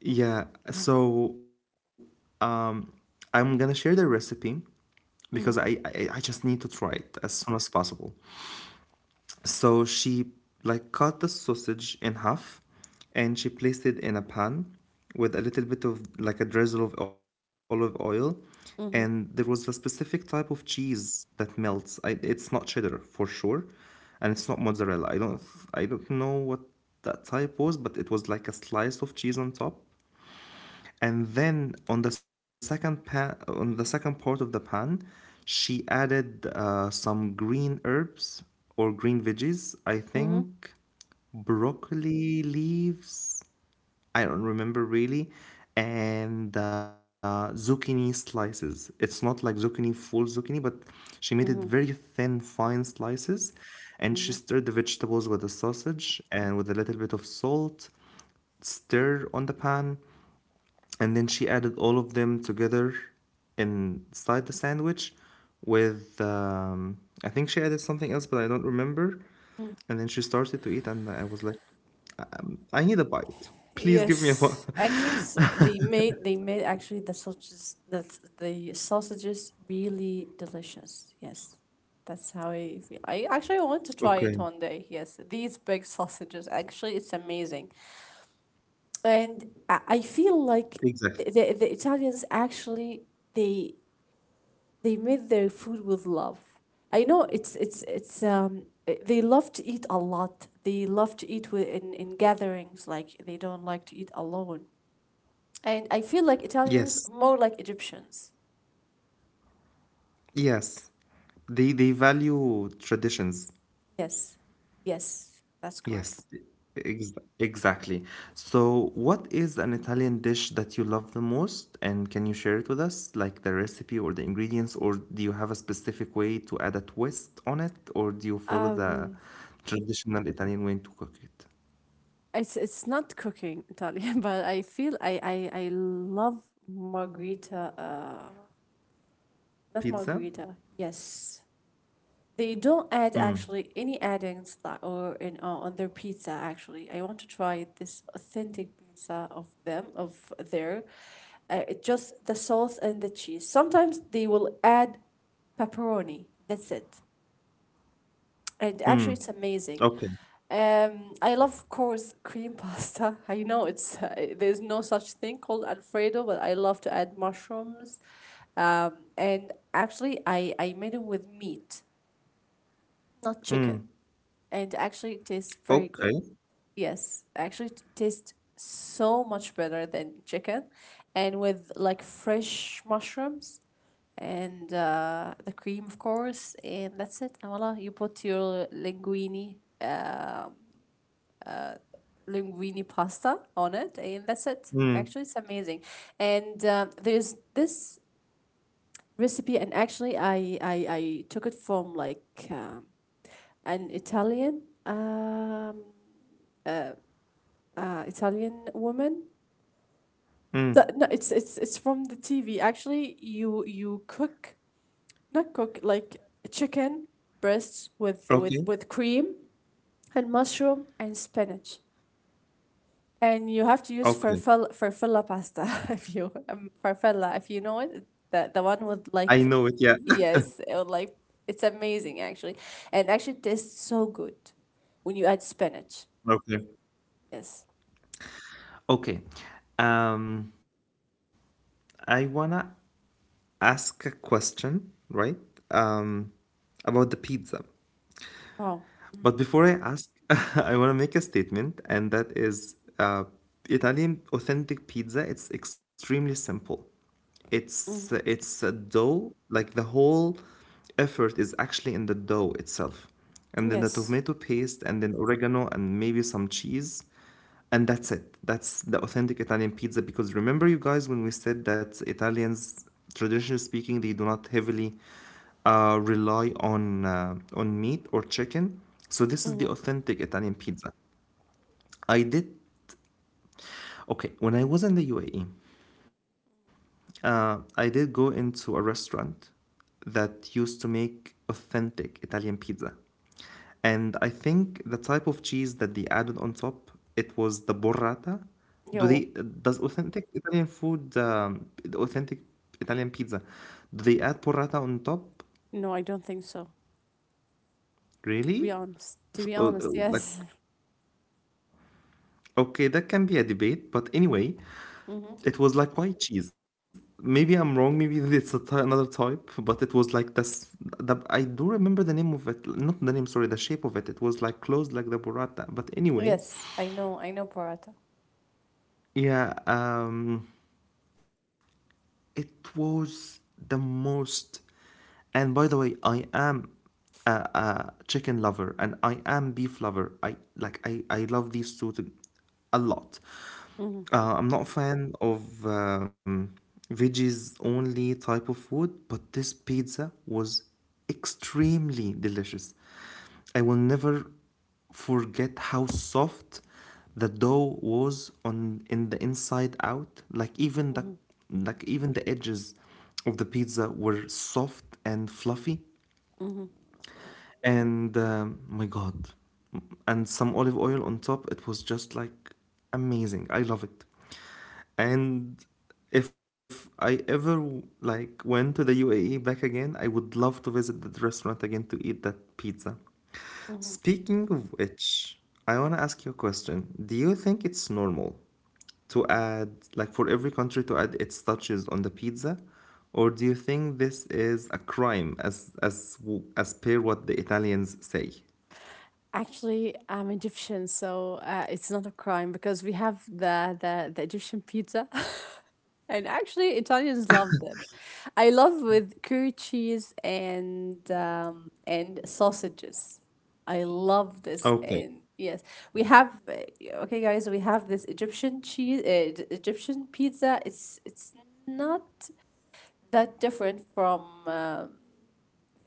S1: Yeah. So um, I'm gonna share the recipe because I,
S2: Mm-hmm.
S1: I I just need to try it as soon as possible. So she like cut the sausage in half and she placed it in a pan with a little bit of like a drizzle of olive oil and there was
S2: Mm-hmm.
S1: a specific type of cheese that melts. I, it's not cheddar for sure and it's not mozzarella. I don't I don't know what that type was, but it was like a slice of cheese on top and then on the second pan on the second part of the pan she added uh, some green herbs or green veggies I
S2: Mm-hmm.
S1: think broccoli leaves I don't remember really and uh, zucchini slices it's not like zucchini full zucchini but she made it very
S2: Mm-hmm.
S1: thin fine slices and she
S2: Mm-hmm.
S1: stirred the vegetables with the sausage and with a little bit of salt stir on the pan and then she added all of them together inside the sandwich with um, I think she added something else, but I don't remember.
S2: Mm.
S1: And then she started to eat, and I was like, um, I need a bite. Please give me a bite.
S2: Yes, actually, s- they made they made actually the sausages the the sausages really delicious. Yes, that's how I feel. I actually want to try
S1: okay,
S2: it one day. Yes, these big sausages actually, it's amazing, and I, I feel like
S1: exactly.
S2: the the Italians actually they they made their food with love. I know it's it's it's um eh, they love to eat a lot. They love to eat with, in in gatherings. Like they don't like to eat alone. And I feel like Italians
S1: Yes,
S2: more like Egyptians.
S1: yes. They they value traditions.
S2: Yes, yes, that's correct.
S1: Yes, ex exactly. So, what is an Italian dish that you love the most? And can you share it with us, like the recipe or the ingredients, or do you have a specific way to add a twist on it, or do you follow the
S2: Um,
S1: traditional Italian way to cook it?
S2: it's it's not cooking Italian, but I feel I I, I love margarita. Uh, Not
S1: Pizza?
S2: margarita. Yes, they don't add actually any addings like or in uh, on their pizza actually. I want to try this authentic pizza of them of there. Uh, it just the sauce and the cheese. Sometimes they will add pepperoni. That's it. And actually, it's amazing.
S1: Okay.
S2: Um, I love, of course, cream pasta. I know it's uh, there's no such thing called Alfredo, but I love to add mushrooms. Um, and actually, I I made it with meat, not chicken. And actually it tastes very good.
S1: Okay.
S2: Yes, actually it tastes so much better than chicken, and with like fresh mushrooms and uh, the cream, of course, and that's it. And voila, you put your linguine, um linguine pasta on it, and that's it. Actually, it's
S1: Mm.
S2: amazing. And um, there's this recipe, and actually, I I, I took it from like um, an Italian. Um, uh, uh, Italian woman. That, no,
S1: Mm.
S2: it's it's it's from the T V. Actually, you you cook not cook like chicken breasts with with with
S1: Okay.
S2: cream and mushroom and spinach, and you have to use farfalla
S1: Okay.
S2: farfalla pasta if you um, farfalla if you know it. The the one with
S1: I
S2: like
S1: know it, yeah.
S2: yes, it would like it's amazing actually, and actually tastes so good when you add spinach.
S1: Okay.
S2: Yes.
S1: Okay. Um, I wanna ask a question, right? Um, about the pizza.
S2: Wow.
S1: But before I ask, I want to make a statement, and that is uh, Italian authentic pizza, it's extremely simple. It's
S2: Hmm.
S1: it's a dough, like the whole effort is actually in the dough itself. And then the
S2: Yes.
S1: tomato paste, and then oregano, and maybe some cheese. And that's it. That's the authentic Italian pizza. Because remember, you guys, when we said that Italians, traditionally speaking, they do not heavily uh, rely on uh, on meat or chicken. So this is
S2: Mm-hmm.
S1: the authentic Italian pizza. I did okay when I was in the U A E. Uh, I did go into a restaurant that used to make authentic Italian pizza. And I think the type of cheese that they added on top, it was the burrata.
S2: Yo.
S1: Do they does authentic Italian food, um, authentic Italian pizza, do they add burrata on top?
S2: No, I don't think so. To be
S1: Really?
S2: honest, to be
S1: So,
S2: honest,
S1: uh, uh,
S2: yes.
S1: like, okay, that can be a debate, but anyway,
S2: Hmm.
S1: it was like white cheese. Maybe I'm wrong. Maybe it's a ty- another type, but it was like this. The, I do remember the name of it. Not the name, sorry, the shape of it. It was like closed like the burrata. But anyway,
S2: Yes, I know, I know Paratha.
S1: yeah. Um, it was the most. And by the way, I am a, a chicken lover and I am beef lover. I like I I love these two to, a lot.
S2: Hmm.
S1: Uh, I'm not a fan of um, veggies only type of food, but this pizza was extremely delicious. I will never forget how soft the dough was on in the inside out. Like even the
S2: Hmm.
S1: like even the edges of the pizza were soft and fluffy.
S2: Hmm.
S1: And um, my God, and some olive oil on top. It was just like amazing. I love it. And if I ever like went to the U A E back again, I would love to visit that restaurant again to eat that pizza.
S2: Hmm.
S1: Speaking of which, I want to ask you a question. Do you think it's normal to add, like for every country to add its touches on the pizza? Or do you think this is a crime as as w- as per what the Italians say?
S2: Actually, I'm Egyptian, so uh, it's not a crime because we have the the, the Egyptian pizza. And actually, Italians love them. I love with curry cheese and um, and sausages. I love this.
S1: Okay.
S2: And yes, we have uh, okay, guys. We have this Egyptian cheese, uh, Egyptian pizza. It's it's not that different from uh,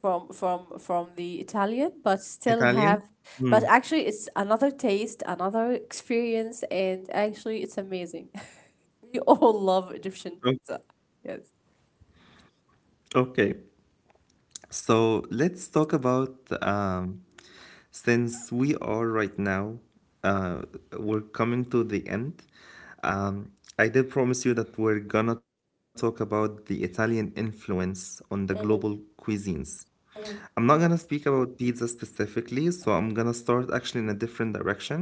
S2: from from from the Italian, but still
S1: Italian?
S2: have, but
S1: Hmm.
S2: actually it's another taste, another experience, and actually it's amazing. We all love Egyptian
S1: O-
S2: pizza. Yes.
S1: Okay. So let's talk about um, since we are right now, uh, we're coming to the end. Um, I did promise you that we're gonna talk about the Italian influence on the global cuisines. I'm not gonna speak about pizza specifically, so I'm gonna start actually in a different direction,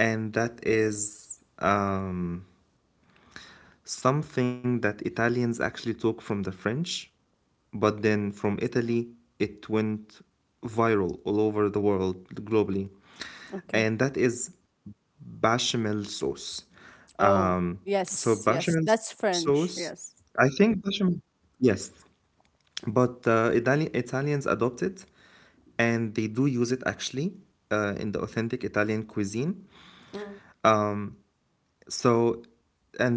S1: and that is um, something that Italians actually took from the French, but then from Italy, it went viral all over the world globally.
S2: Okay.
S1: And that is bechamel sauce.
S2: Oh,
S1: Um,
S2: yes,
S1: so
S2: yes.
S1: bechamel
S2: That's
S1: sauce,
S2: French. Yes.
S1: I think bechamel, yes, but uh, Italian Italians adopt it, and they do use it actually uh, in the authentic Italian cuisine.
S2: Mm,
S1: Um, so,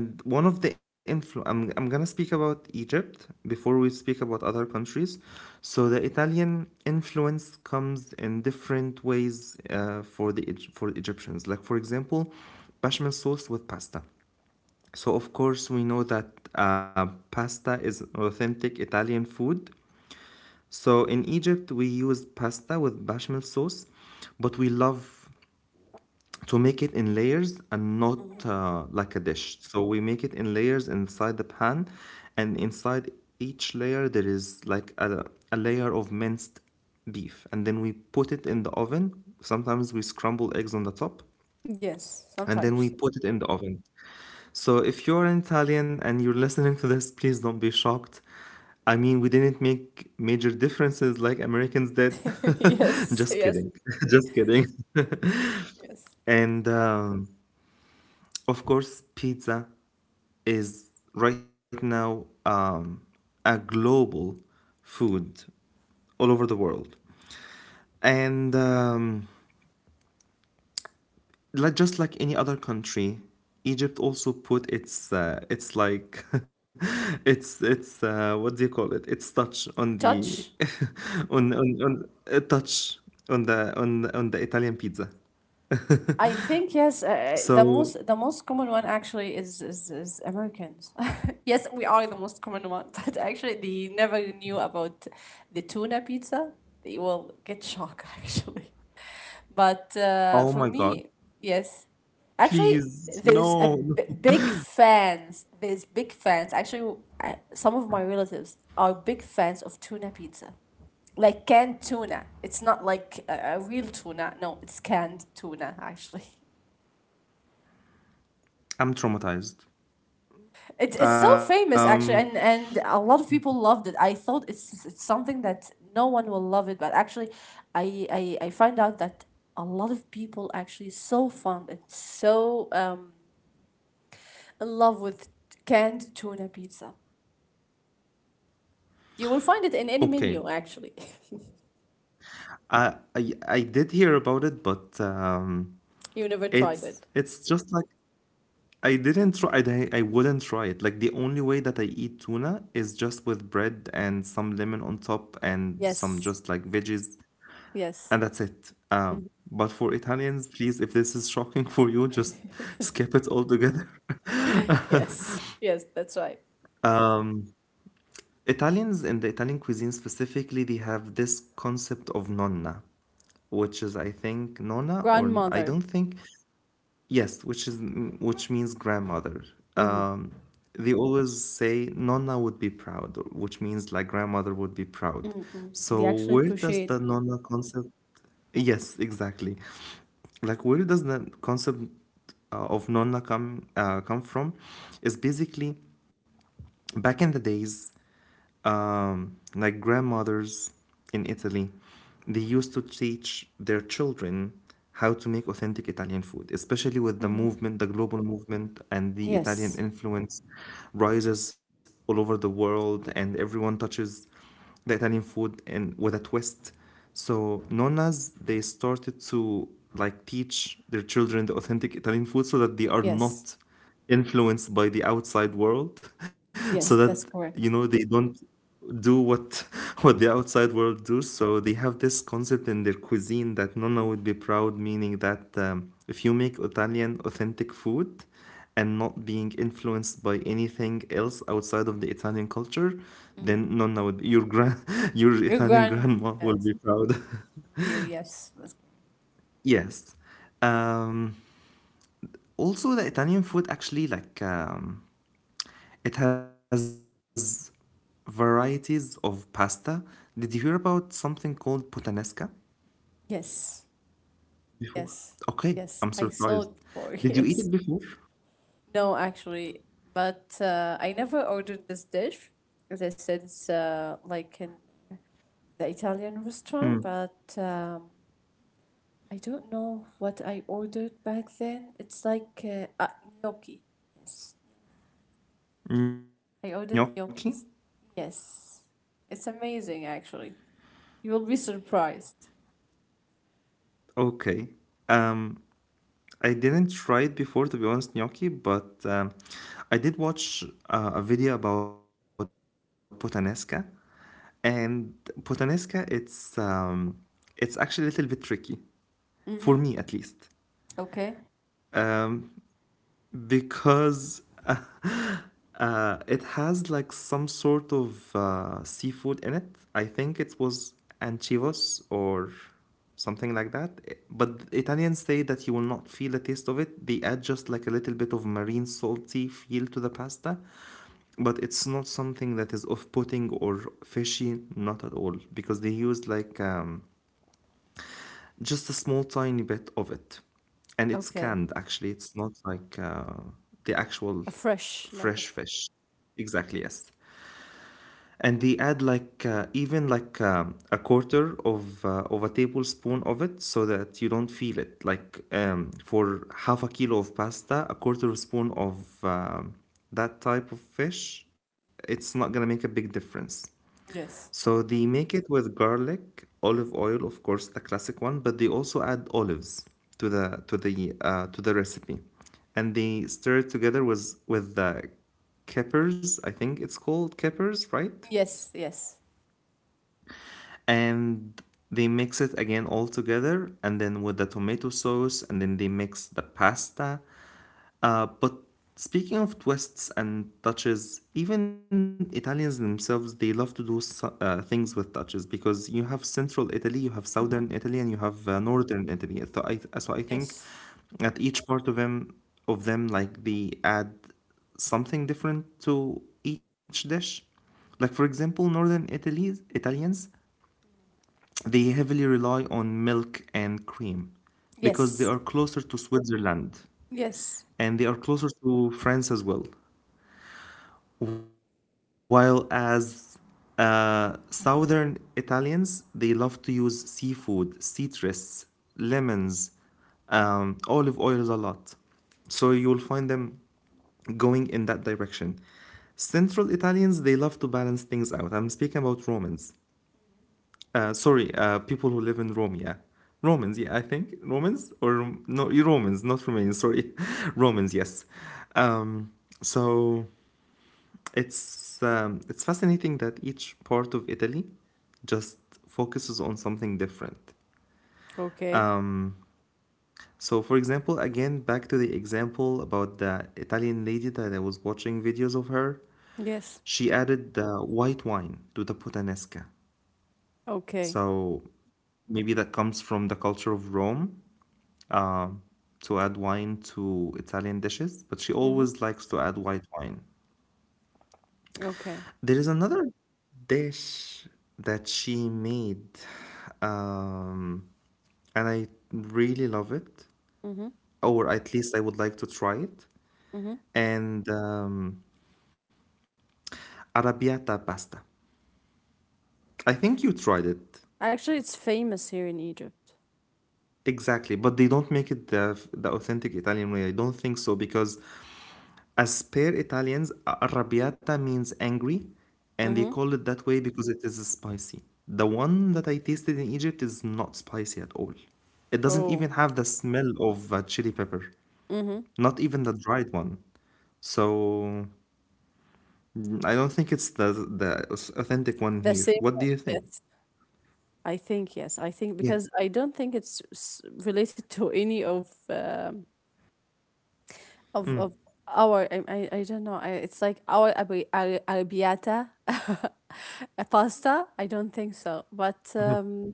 S1: and one of the influ- I'm, I'm gonna speak about Egypt before we speak about other countries. So the Italian influence comes in different ways uh, for the Egy- for Egyptians. Like for example, bechamel sauce with pasta. So of course we know that uh, pasta is an authentic Italian food. So in Egypt we use pasta with bechamel sauce, but we love to make it in layers and not
S2: mhm.
S1: uh, like a dish. So we make it in layers inside the pan, and inside each layer there is like a, a layer of minced beef, and then we put it in the oven. Sometimes we scramble eggs on the top,
S2: Yes,
S1: and then
S2: sometimes.
S1: we put it in the oven. So if you're an Italian and you're listening to this, please don't be shocked. I mean, we didn't make major differences like Americans did.
S2: Yes,
S1: Just
S2: yes,
S1: kidding. Just kidding.
S2: yes.
S1: And um, of course, pizza is right now um, a global food all over the world. And um, like just like any other country, Egypt also put its uh, its like its its uh, what do you call it? Its touch on the
S2: Touch.
S1: on on, on uh, touch on the on on the Italian pizza.
S2: I think yes. Uh, uh, the
S1: So,
S2: most the most common one actually is is, is Americans. Yes, we are the most common one, but actually they never knew about the tuna pizza. They will get shocked actually. But uh,
S1: oh
S2: for
S1: my God,
S2: me, yes, actually
S1: please,
S2: there's a
S1: no.
S2: b- big fans. There's big fans. Actually, uh, some of my relatives are big fans of tuna pizza like canned tuna. It's not like a, a real tuna. No, it's canned tuna actually.
S1: I'm traumatized.
S2: It's it's so
S1: Um,
S2: famous actually, and and a lot of people loved it. I thought it's it's something that no one will love it, but actually, I I I find out that a lot of people actually so fond and so um in love with canned tuna pizza. You will find it in any
S1: okay,
S2: menu actually.
S1: I, I I did hear about it, but um,
S2: You never tried
S1: it's
S2: it.
S1: it's just like I didn't try. I di- I wouldn't try it. Like the only way that I eat tuna is just with bread and some lemon on top and some
S2: Yes.
S1: just like veggies,
S2: Yes.
S1: and that's it. Um,
S2: Mhm.
S1: but for Italians, please, if this is shocking for you, just skip it altogether.
S2: Yes. Yes, that's right.
S1: Um, Italians in the Italian cuisine specifically, they have this concept of nonna, which is I think Nona or I I
S2: Grandmother.
S1: don't think yes, which is which means grandmother.
S2: Hmm.
S1: Um, they always say Nona would be proud, which means like grandmother would be proud.
S2: Mm-mm.
S1: So
S2: They actually
S1: where does the
S2: appreciate.
S1: Nona concept? Yes, exactly. Like where does the concept uh, of Nonna come uh, come from? Is basically back in the days um, like grandmothers in Italy, they used to teach their children how to make authentic Italian food, especially with the
S2: Hmm.
S1: movement, the global movement, and the Italian
S2: Yes,
S1: influence rises all over the world, and everyone touches the Italian food and with a twist. So nonas they started to like teach their children the authentic Italian food so that they are
S2: yes,
S1: not influenced by the outside world,
S2: yes,
S1: so
S2: that's
S1: that
S2: correct.
S1: you know they don't do what what the outside world do. So they have this concept in their cuisine that nonna would be proud, meaning that um, if you make Italian authentic food, and not being influenced by anything else outside of the Italian culture, then Nonna would your grand your
S2: Your
S1: Italian
S2: grand
S1: grandma will
S2: yes,
S1: be proud.
S2: view, yes, that's-
S1: Yes. Um, also, the Italian food actually like um, it has varieties of pasta. Did you hear about something called puttanesca
S2: yes,
S1: before?
S2: yes,
S1: Okay,
S2: yes.
S1: I'm
S2: I saw
S1: surprised.
S2: it before,
S1: Did you eat it
S2: yes.
S1: before?
S2: No, actually, but uh, I never ordered this dish. As I said, it's uh, like in the Italian restaurant,
S1: Mm,
S2: but um, I don't know what I ordered back then. It's like uh, uh, gnocchi. Yes.
S1: gnocchi?
S2: I ordered gnocchis. Yes. It's amazing, actually. You will be surprised.
S1: Okay. Um, I didn't try it before, to be honest, gnocchi, but um, I did watch uh, a video about puttanesca, and puttanesca it's um, it's actually a little bit tricky for me at
S2: Mm-hmm.
S1: least.
S2: Okay.
S1: Um, because uh, uh, it has like some sort of uh, seafood in it. I think it was anchivos or something like that. I- But the Italians say that you will not feel the taste of it. They add just like a little bit of marine salty feel to the pasta, but it's not something that is off-putting or fishy, not at all, because they use like um, just a small tiny bit of it. And it's
S2: Okay.
S1: canned, actually. It's not like uh, the actual
S2: A fresh, like a.
S1: fresh fish. Exactly, yes. And they add like uh, even like um, a quarter of uh, of a tablespoon of it so that you don't feel it. Like um, for half a kilo of pasta, a quarter of spoon of um, that type of fish, it's not gonna make a big difference.
S2: Yes.
S1: So they make it with garlic, olive oil, of course, the classic one, but they also add olives to the to the uh, to the recipe, and they stir it together with with the peppers. I think it's called peppers, right?
S2: Yes, yes.
S1: And they mix it again all together and then with the tomato sauce and then they mix the pasta uh, but speaking of twists and touches, even Italians themselves they love to do so- uh, things with touches because you have central Italy, you have southern
S2: Mm-hmm.
S1: Italy and you have uh, northern Italy. so I, so I think
S2: Yes.
S1: at each part of them of them like they add something different to each dish. Like for example northern Italy Italians, they heavily rely on milk and cream because they are
S2: Yes.
S1: closer to Switzerland
S2: Yes.
S1: and they are closer to France as well. While as uh, southern Italians, they love to use seafood, citrus, lemons, um, olive oils a lot. So you will find them going in that direction. Central Italians, they love to balance things out. I'm speaking about Romans. Uh, sorry, uh, people who live in Rome, yeah. Romans, yeah, I think. Romans or Rom- no, you Romans, not Romanians, sorry. Romans, yes. Um, so it's um, it's fascinating that each part of Italy just focuses on something different.
S2: Okay.
S1: Um, so for example, again back to the example about the Italian lady that I was watching videos of her,
S2: Yes.
S1: she added the white wine to the puttanesca.
S2: Okay.
S1: So maybe that comes from the culture of Rome um, to add wine to Italian dishes, but she
S2: Mm-hmm.
S1: always likes to add white wine.
S2: Okay.
S1: There is another dish that she made, um, and I really love it,
S2: Mm-hmm.
S1: or at least I would like to try it.
S2: Mm-hmm.
S1: And um, arrabbiata pasta. I think you tried it.
S2: Actually, it's famous here in Egypt.
S1: Exactly, but they don't make it the, the authentic Italian way. I don't think so because as per Italians, arrabbiata means angry, and they
S2: Mm-hmm.
S1: call it that way because it is spicy. The one that I tasted in Egypt is not spicy at all. It doesn't
S2: Oh.
S1: even have the smell of uh, chili pepper,
S2: Mm-hmm.
S1: not even the dried one. So mm, I don't think it's the the aus- authentic one
S2: The
S1: here.
S2: same
S1: What do
S2: one.
S1: you think?
S2: Yes. I think yes. I think
S1: Yeah.
S2: because I don't think it's s- related to any of um of
S1: Mm.
S2: of our I, I I don't know I, it's like our abi- ar- arrabbiata a pasta I don't think so but
S1: Mhm.
S2: um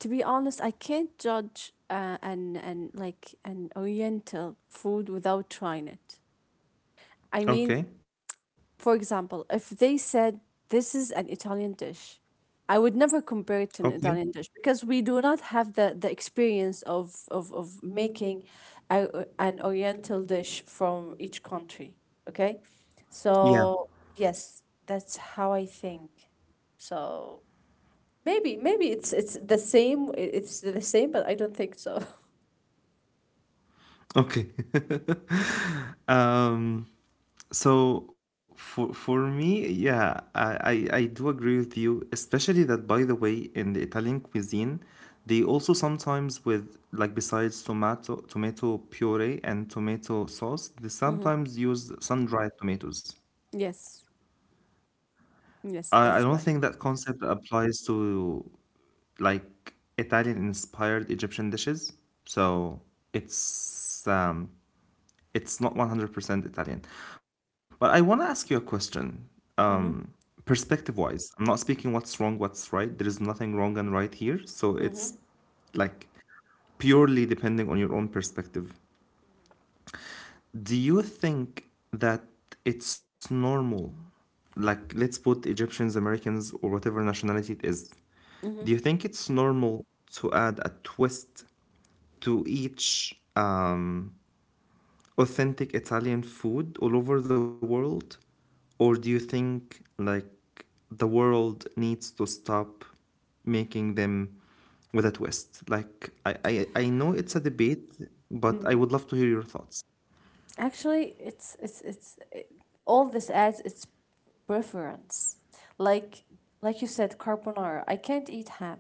S2: to be honest I can't judge uh, an an like an oriental food without trying it I mean.
S1: Okay.
S2: For example, if they said this is an Italian dish, I would never compare it to an
S1: Okay.
S2: Italian dish because we do not have the, the experience of, of, of making a, an oriental dish from each country. Okay.
S1: Yeah.
S2: So, yes, that's how I think. So, maybe maybe it's it's the same i- it's the same but I don't think so.
S1: Okay. um. So for for me, yeah, I, I I do agree with you, especially that by the way, in the Italian cuisine, they also sometimes with like besides tomato tomato puree and tomato sauce, they
S2: Mm-hmm.
S1: sometimes use sun-dried tomatoes.
S2: Yes. Yes,
S1: I, I
S2: that's
S1: don't
S2: right.
S1: think that concept applies to like Italian inspired Egyptian dishes. So it's um it's not one hundred percent Italian. But I want to ask you a question.
S2: Mm-hmm.
S1: Um, Perspective wise, I'm not speaking what's wrong, what's right. There is nothing wrong and right here. So it's
S2: Mm-hmm.
S1: like purely depending on your own perspective. Do you think that it's normal? Like, let's put Egyptians, Americans, or whatever nationality it is. Do
S2: Mm-hmm.
S1: you think it's normal to add a twist to each um, authentic Italian food all over the world? Or do you think like the world needs to stop making them with a twist? Like I, I, I know it's a debate, but I would love to hear your thoughts.
S2: Actually, it's it's it's it, all this adds its preference. Like like you said, carbonara. I can't eat ham.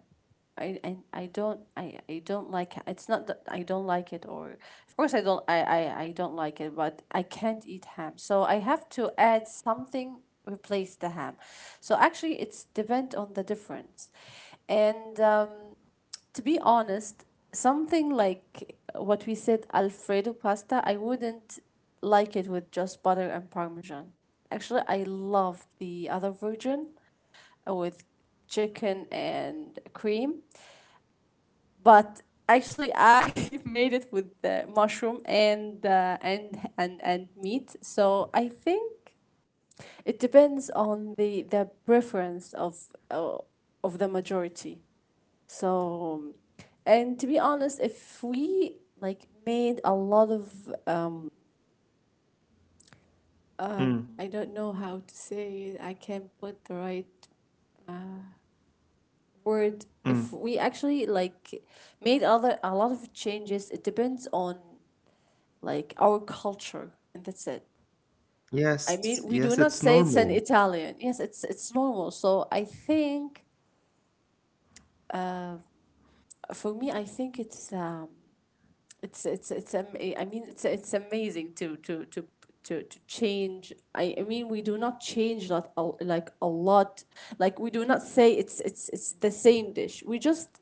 S2: I, I, I don't I, I don't like ha- it's not that I don't like it or of course I don't I, I, I don't like it but I can't eat ham so I have to add something replace the ham so actually it's depend on the difference and um, to be honest, something like what we said, Alfredo pasta, I wouldn't like it with just butter and parmesan. Actually, I love the other version uh, with chicken and cream, but actually, I made it with the mushroom and uh, and and and meat. So I think it depends on the the preference of uh, of the majority. So, and to be honest, if we like made a lot of um, um,
S1: Mm,
S2: I don't know how to say it. I can't put the right uh, word. If
S1: mm.
S2: we actually like made other a lot of changes, it depends on like our culture, and that's it. I
S1: Yes,
S2: mean, we
S1: yes,
S2: do
S1: it's
S2: not say it's an
S1: normal.
S2: Italian. Yes, it's it's normal. So I think, uh, for me, I think it's um, it's it's it's am- I mean it's it's amazing to to to to, to change I, I mean we do not change lot a, like a lot like we do not say it's it's it's the same dish we just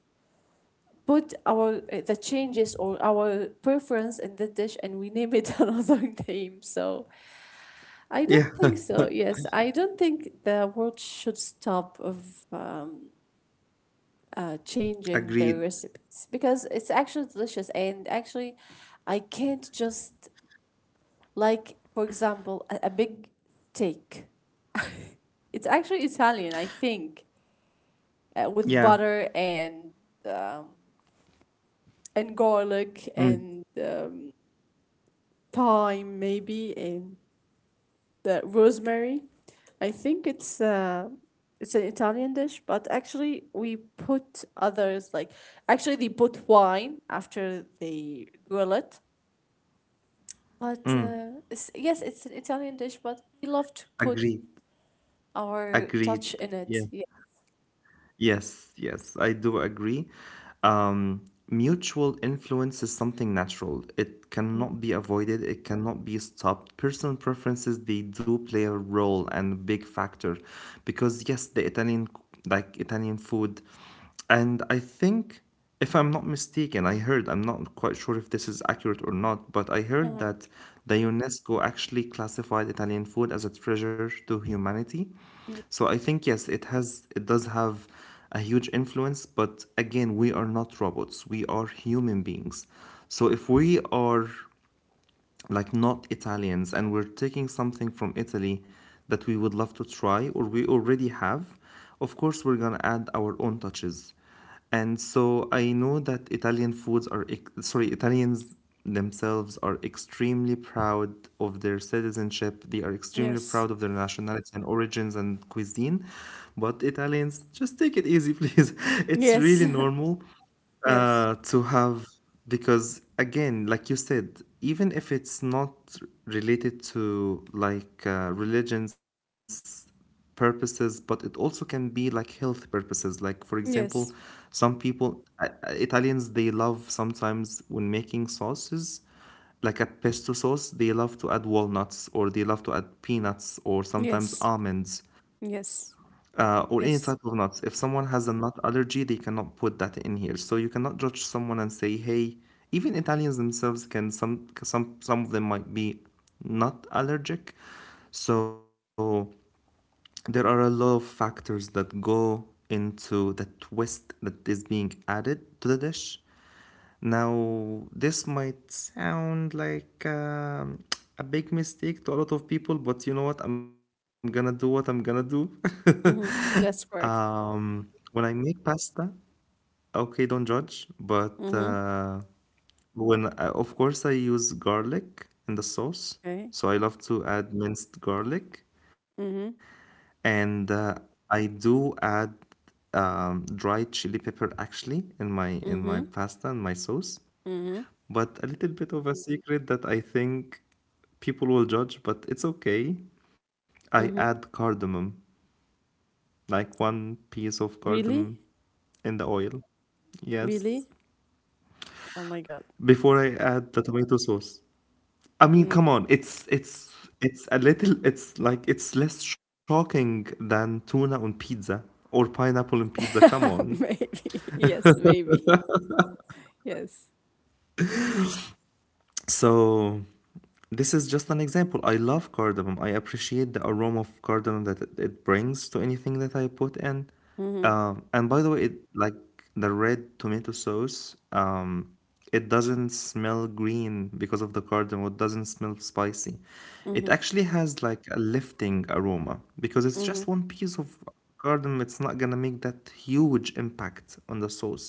S2: put our uh, the changes or our preference in the dish and we name it another name so I don't
S1: Yeah,
S2: think so yes I don't think the world should stop of um, uh, changing their
S1: agreed.
S2: recipes because it's actually delicious and actually I can't just like, for example, a, a big steak. It's actually Italian, I think, uh, with
S1: Yeah,
S2: butter and um, and garlic
S1: mm,
S2: and um, thyme maybe and the rosemary. I think it's uh, it's an Italian dish, but actually we put others like actually they put wine after they grill it. But
S1: mm.
S2: uh, it's, yes, it's an Italian dish, but we love to put
S1: agreed,
S2: our
S1: agreed.
S2: touch in
S1: Yeah.
S2: it. Yeah.
S1: Yes, yes, I do agree. Um, Mutual influence is something natural. It cannot be avoided, it cannot be stopped. Personal preferences, they do play a role and big factor because yes, the Italian c- like Italian food, and I think, if I'm not mistaken, I heard, I'm not quite sure if this is accurate or not, but I heard
S2: Mhm.
S1: that the UNESCO actually classified Italian food as a treasure to humanity. So I think, yes, it has, it does have a huge influence, but again, we are not robots, we are human beings. So if we are like not Italians and we're taking something from Italy that we would love to try or we already have, of course we're gonna add our own touches. And so I know that Italian foods are sorry, Italians themselves are extremely proud of their citizenship. They are extremely
S2: Yes.
S1: proud of their nationality and origins and cuisine. But Italians, just take it easy, please. It's
S2: Yes.
S1: really normal
S2: Yes.
S1: uh, to have because again like you said even if it's not related to like uh, religions purposes, but it also can be like health purposes, like for example
S2: Yes.
S1: some people I- I- italians they love sometimes when making sauces like a pesto sauce they love to add walnuts or they love to add peanuts or sometimes
S2: Yes.
S1: almonds
S2: Yes.
S1: uh, or any type of
S2: Yes.
S1: nuts. If someone has a nut allergy, they cannot put that in here. So you cannot judge someone and say, "Hey." Even Italians themselves can some some some of them might be nut allergic. So there are a lot of factors that go into the twist that is being added to the dish. Now, this might sound like um, a big mistake to a lot of people, but you know what? I'm gonna do what I'm gonna do.
S2: Mm-hmm. That's correct.
S1: um, when I make pasta, okay, don't judge, but
S2: Mm-hmm.
S1: uh, when I, of course I use garlic in the sauce,
S2: Okay.
S1: so I love to add minced garlic,
S2: Mm-hmm.
S1: and uh, I do add um, dried chili pepper actually in my in my
S2: Mm-hmm.
S1: pasta and my sauce,
S2: Mm-hmm.
S1: but a little bit of a secret that I think people will judge, but it's okay. I add
S2: Mm-hmm.
S1: cardamom, like one piece of cardamom
S2: Really?
S1: in the oil. Yes,
S2: Really? Oh my God.
S1: before I add the tomato sauce. I mean,
S2: Mm.
S1: come on, it's it's it's a little it's like it's less shocking than tuna on pizza or pineapple on pizza. Come on.
S2: Maybe. Yes, maybe. Yes.
S1: So this is just an example. I love cardamom. I appreciate the aroma of cardamom that it it brings to anything that I put in.
S2: Mm-hmm.
S1: Um, and by the way, it like the red tomato sauce, um, it doesn't smell green because of the cardamom. It doesn't smell spicy. It
S2: Mm-hmm.
S1: actually has like a lifting aroma because it's just
S2: Mm-hmm.
S1: one piece of cardamom. It's not gonna make that huge impact on the sauce,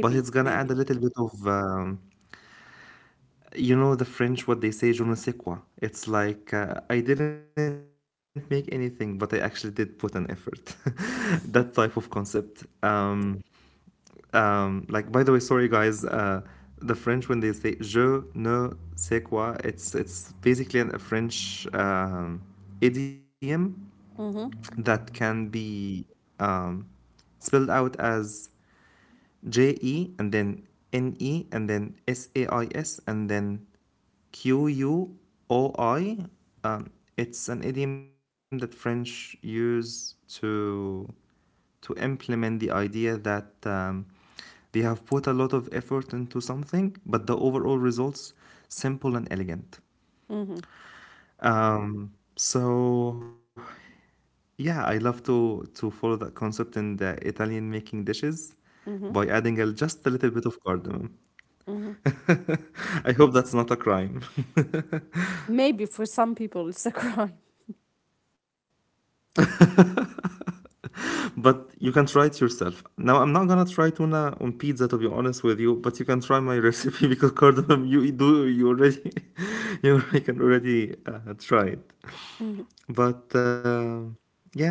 S1: but it's gonna add a
S2: Maybe.
S1: little bit of um, you know the French, what they say, je ne sais quoi. It's like, uh, I didn't make anything, but I actually did put an effort. That type of concept. Um, um, like, by the way, sorry guys, uh, the French, when they say je ne sais quoi, it's, it's basically an, a French um, idiom
S2: Mm-hmm.
S1: that can be um, spelled out as J E and then N E and then S A I S and then Q U O I. Um, it's an idiom that French use to to implement the idea that um, they have put a lot of effort into something, but the overall results simple and elegant.
S2: Mm-hmm.
S1: Um, so yeah, I love to to follow that concept in the Italian making dishes
S2: Mm-hmm.
S1: by adding a, just a little bit of cardamom.
S2: Mm-hmm.
S1: I hope that's not a crime.
S2: Maybe for some people it's a crime.
S1: But you can try it yourself. Now, I'm not gonna try tuna on pizza to be honest with you, but you can try my recipe because cardamom you do you already you already can already uh, try it.
S2: Mm-hmm.
S1: But uh, yeah,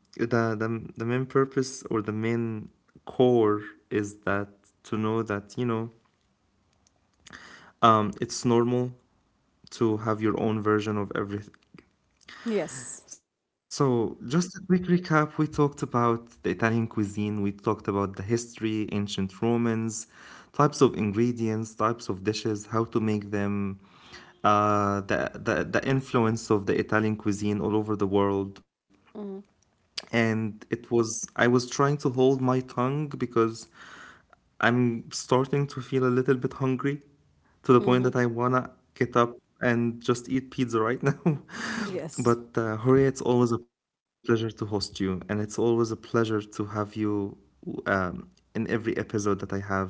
S1: the, the the main purpose or the main core is that to know that you know um, it's normal to have your own version of every.
S2: Yes.
S1: So, just a quick recap. We talked about the Italian cuisine, we talked about the history, ancient Romans, types of ingredients, types of dishes, how to make them, uh, the, the, the influence of the Italian cuisine all over the world.
S2: Mm-hmm.
S1: And it was, I was trying to hold my tongue because I'm starting to feel a little bit hungry to the point that
S2: Mm-hmm.
S1: I wanna get up and just eat pizza right now.
S2: Yes.
S1: But uh, Horia, it's always a pleasure to host you, and it's always a pleasure to have you um, in every episode that I have.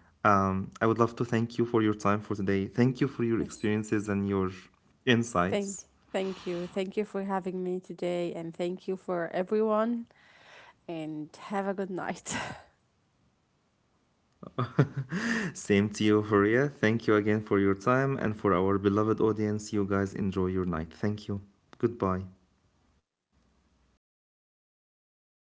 S1: Um, I would love to thank you for your time for today. Thank you for your
S2: Yes.
S1: experiences and your
S2: Thank,
S1: insights.
S2: thank you. Thank you for having me today, and thank you for everyone. And have a good night.
S1: Same to you, Horia. Thank you again for your time and for our beloved audience. You guys enjoy your night. Thank you. Goodbye.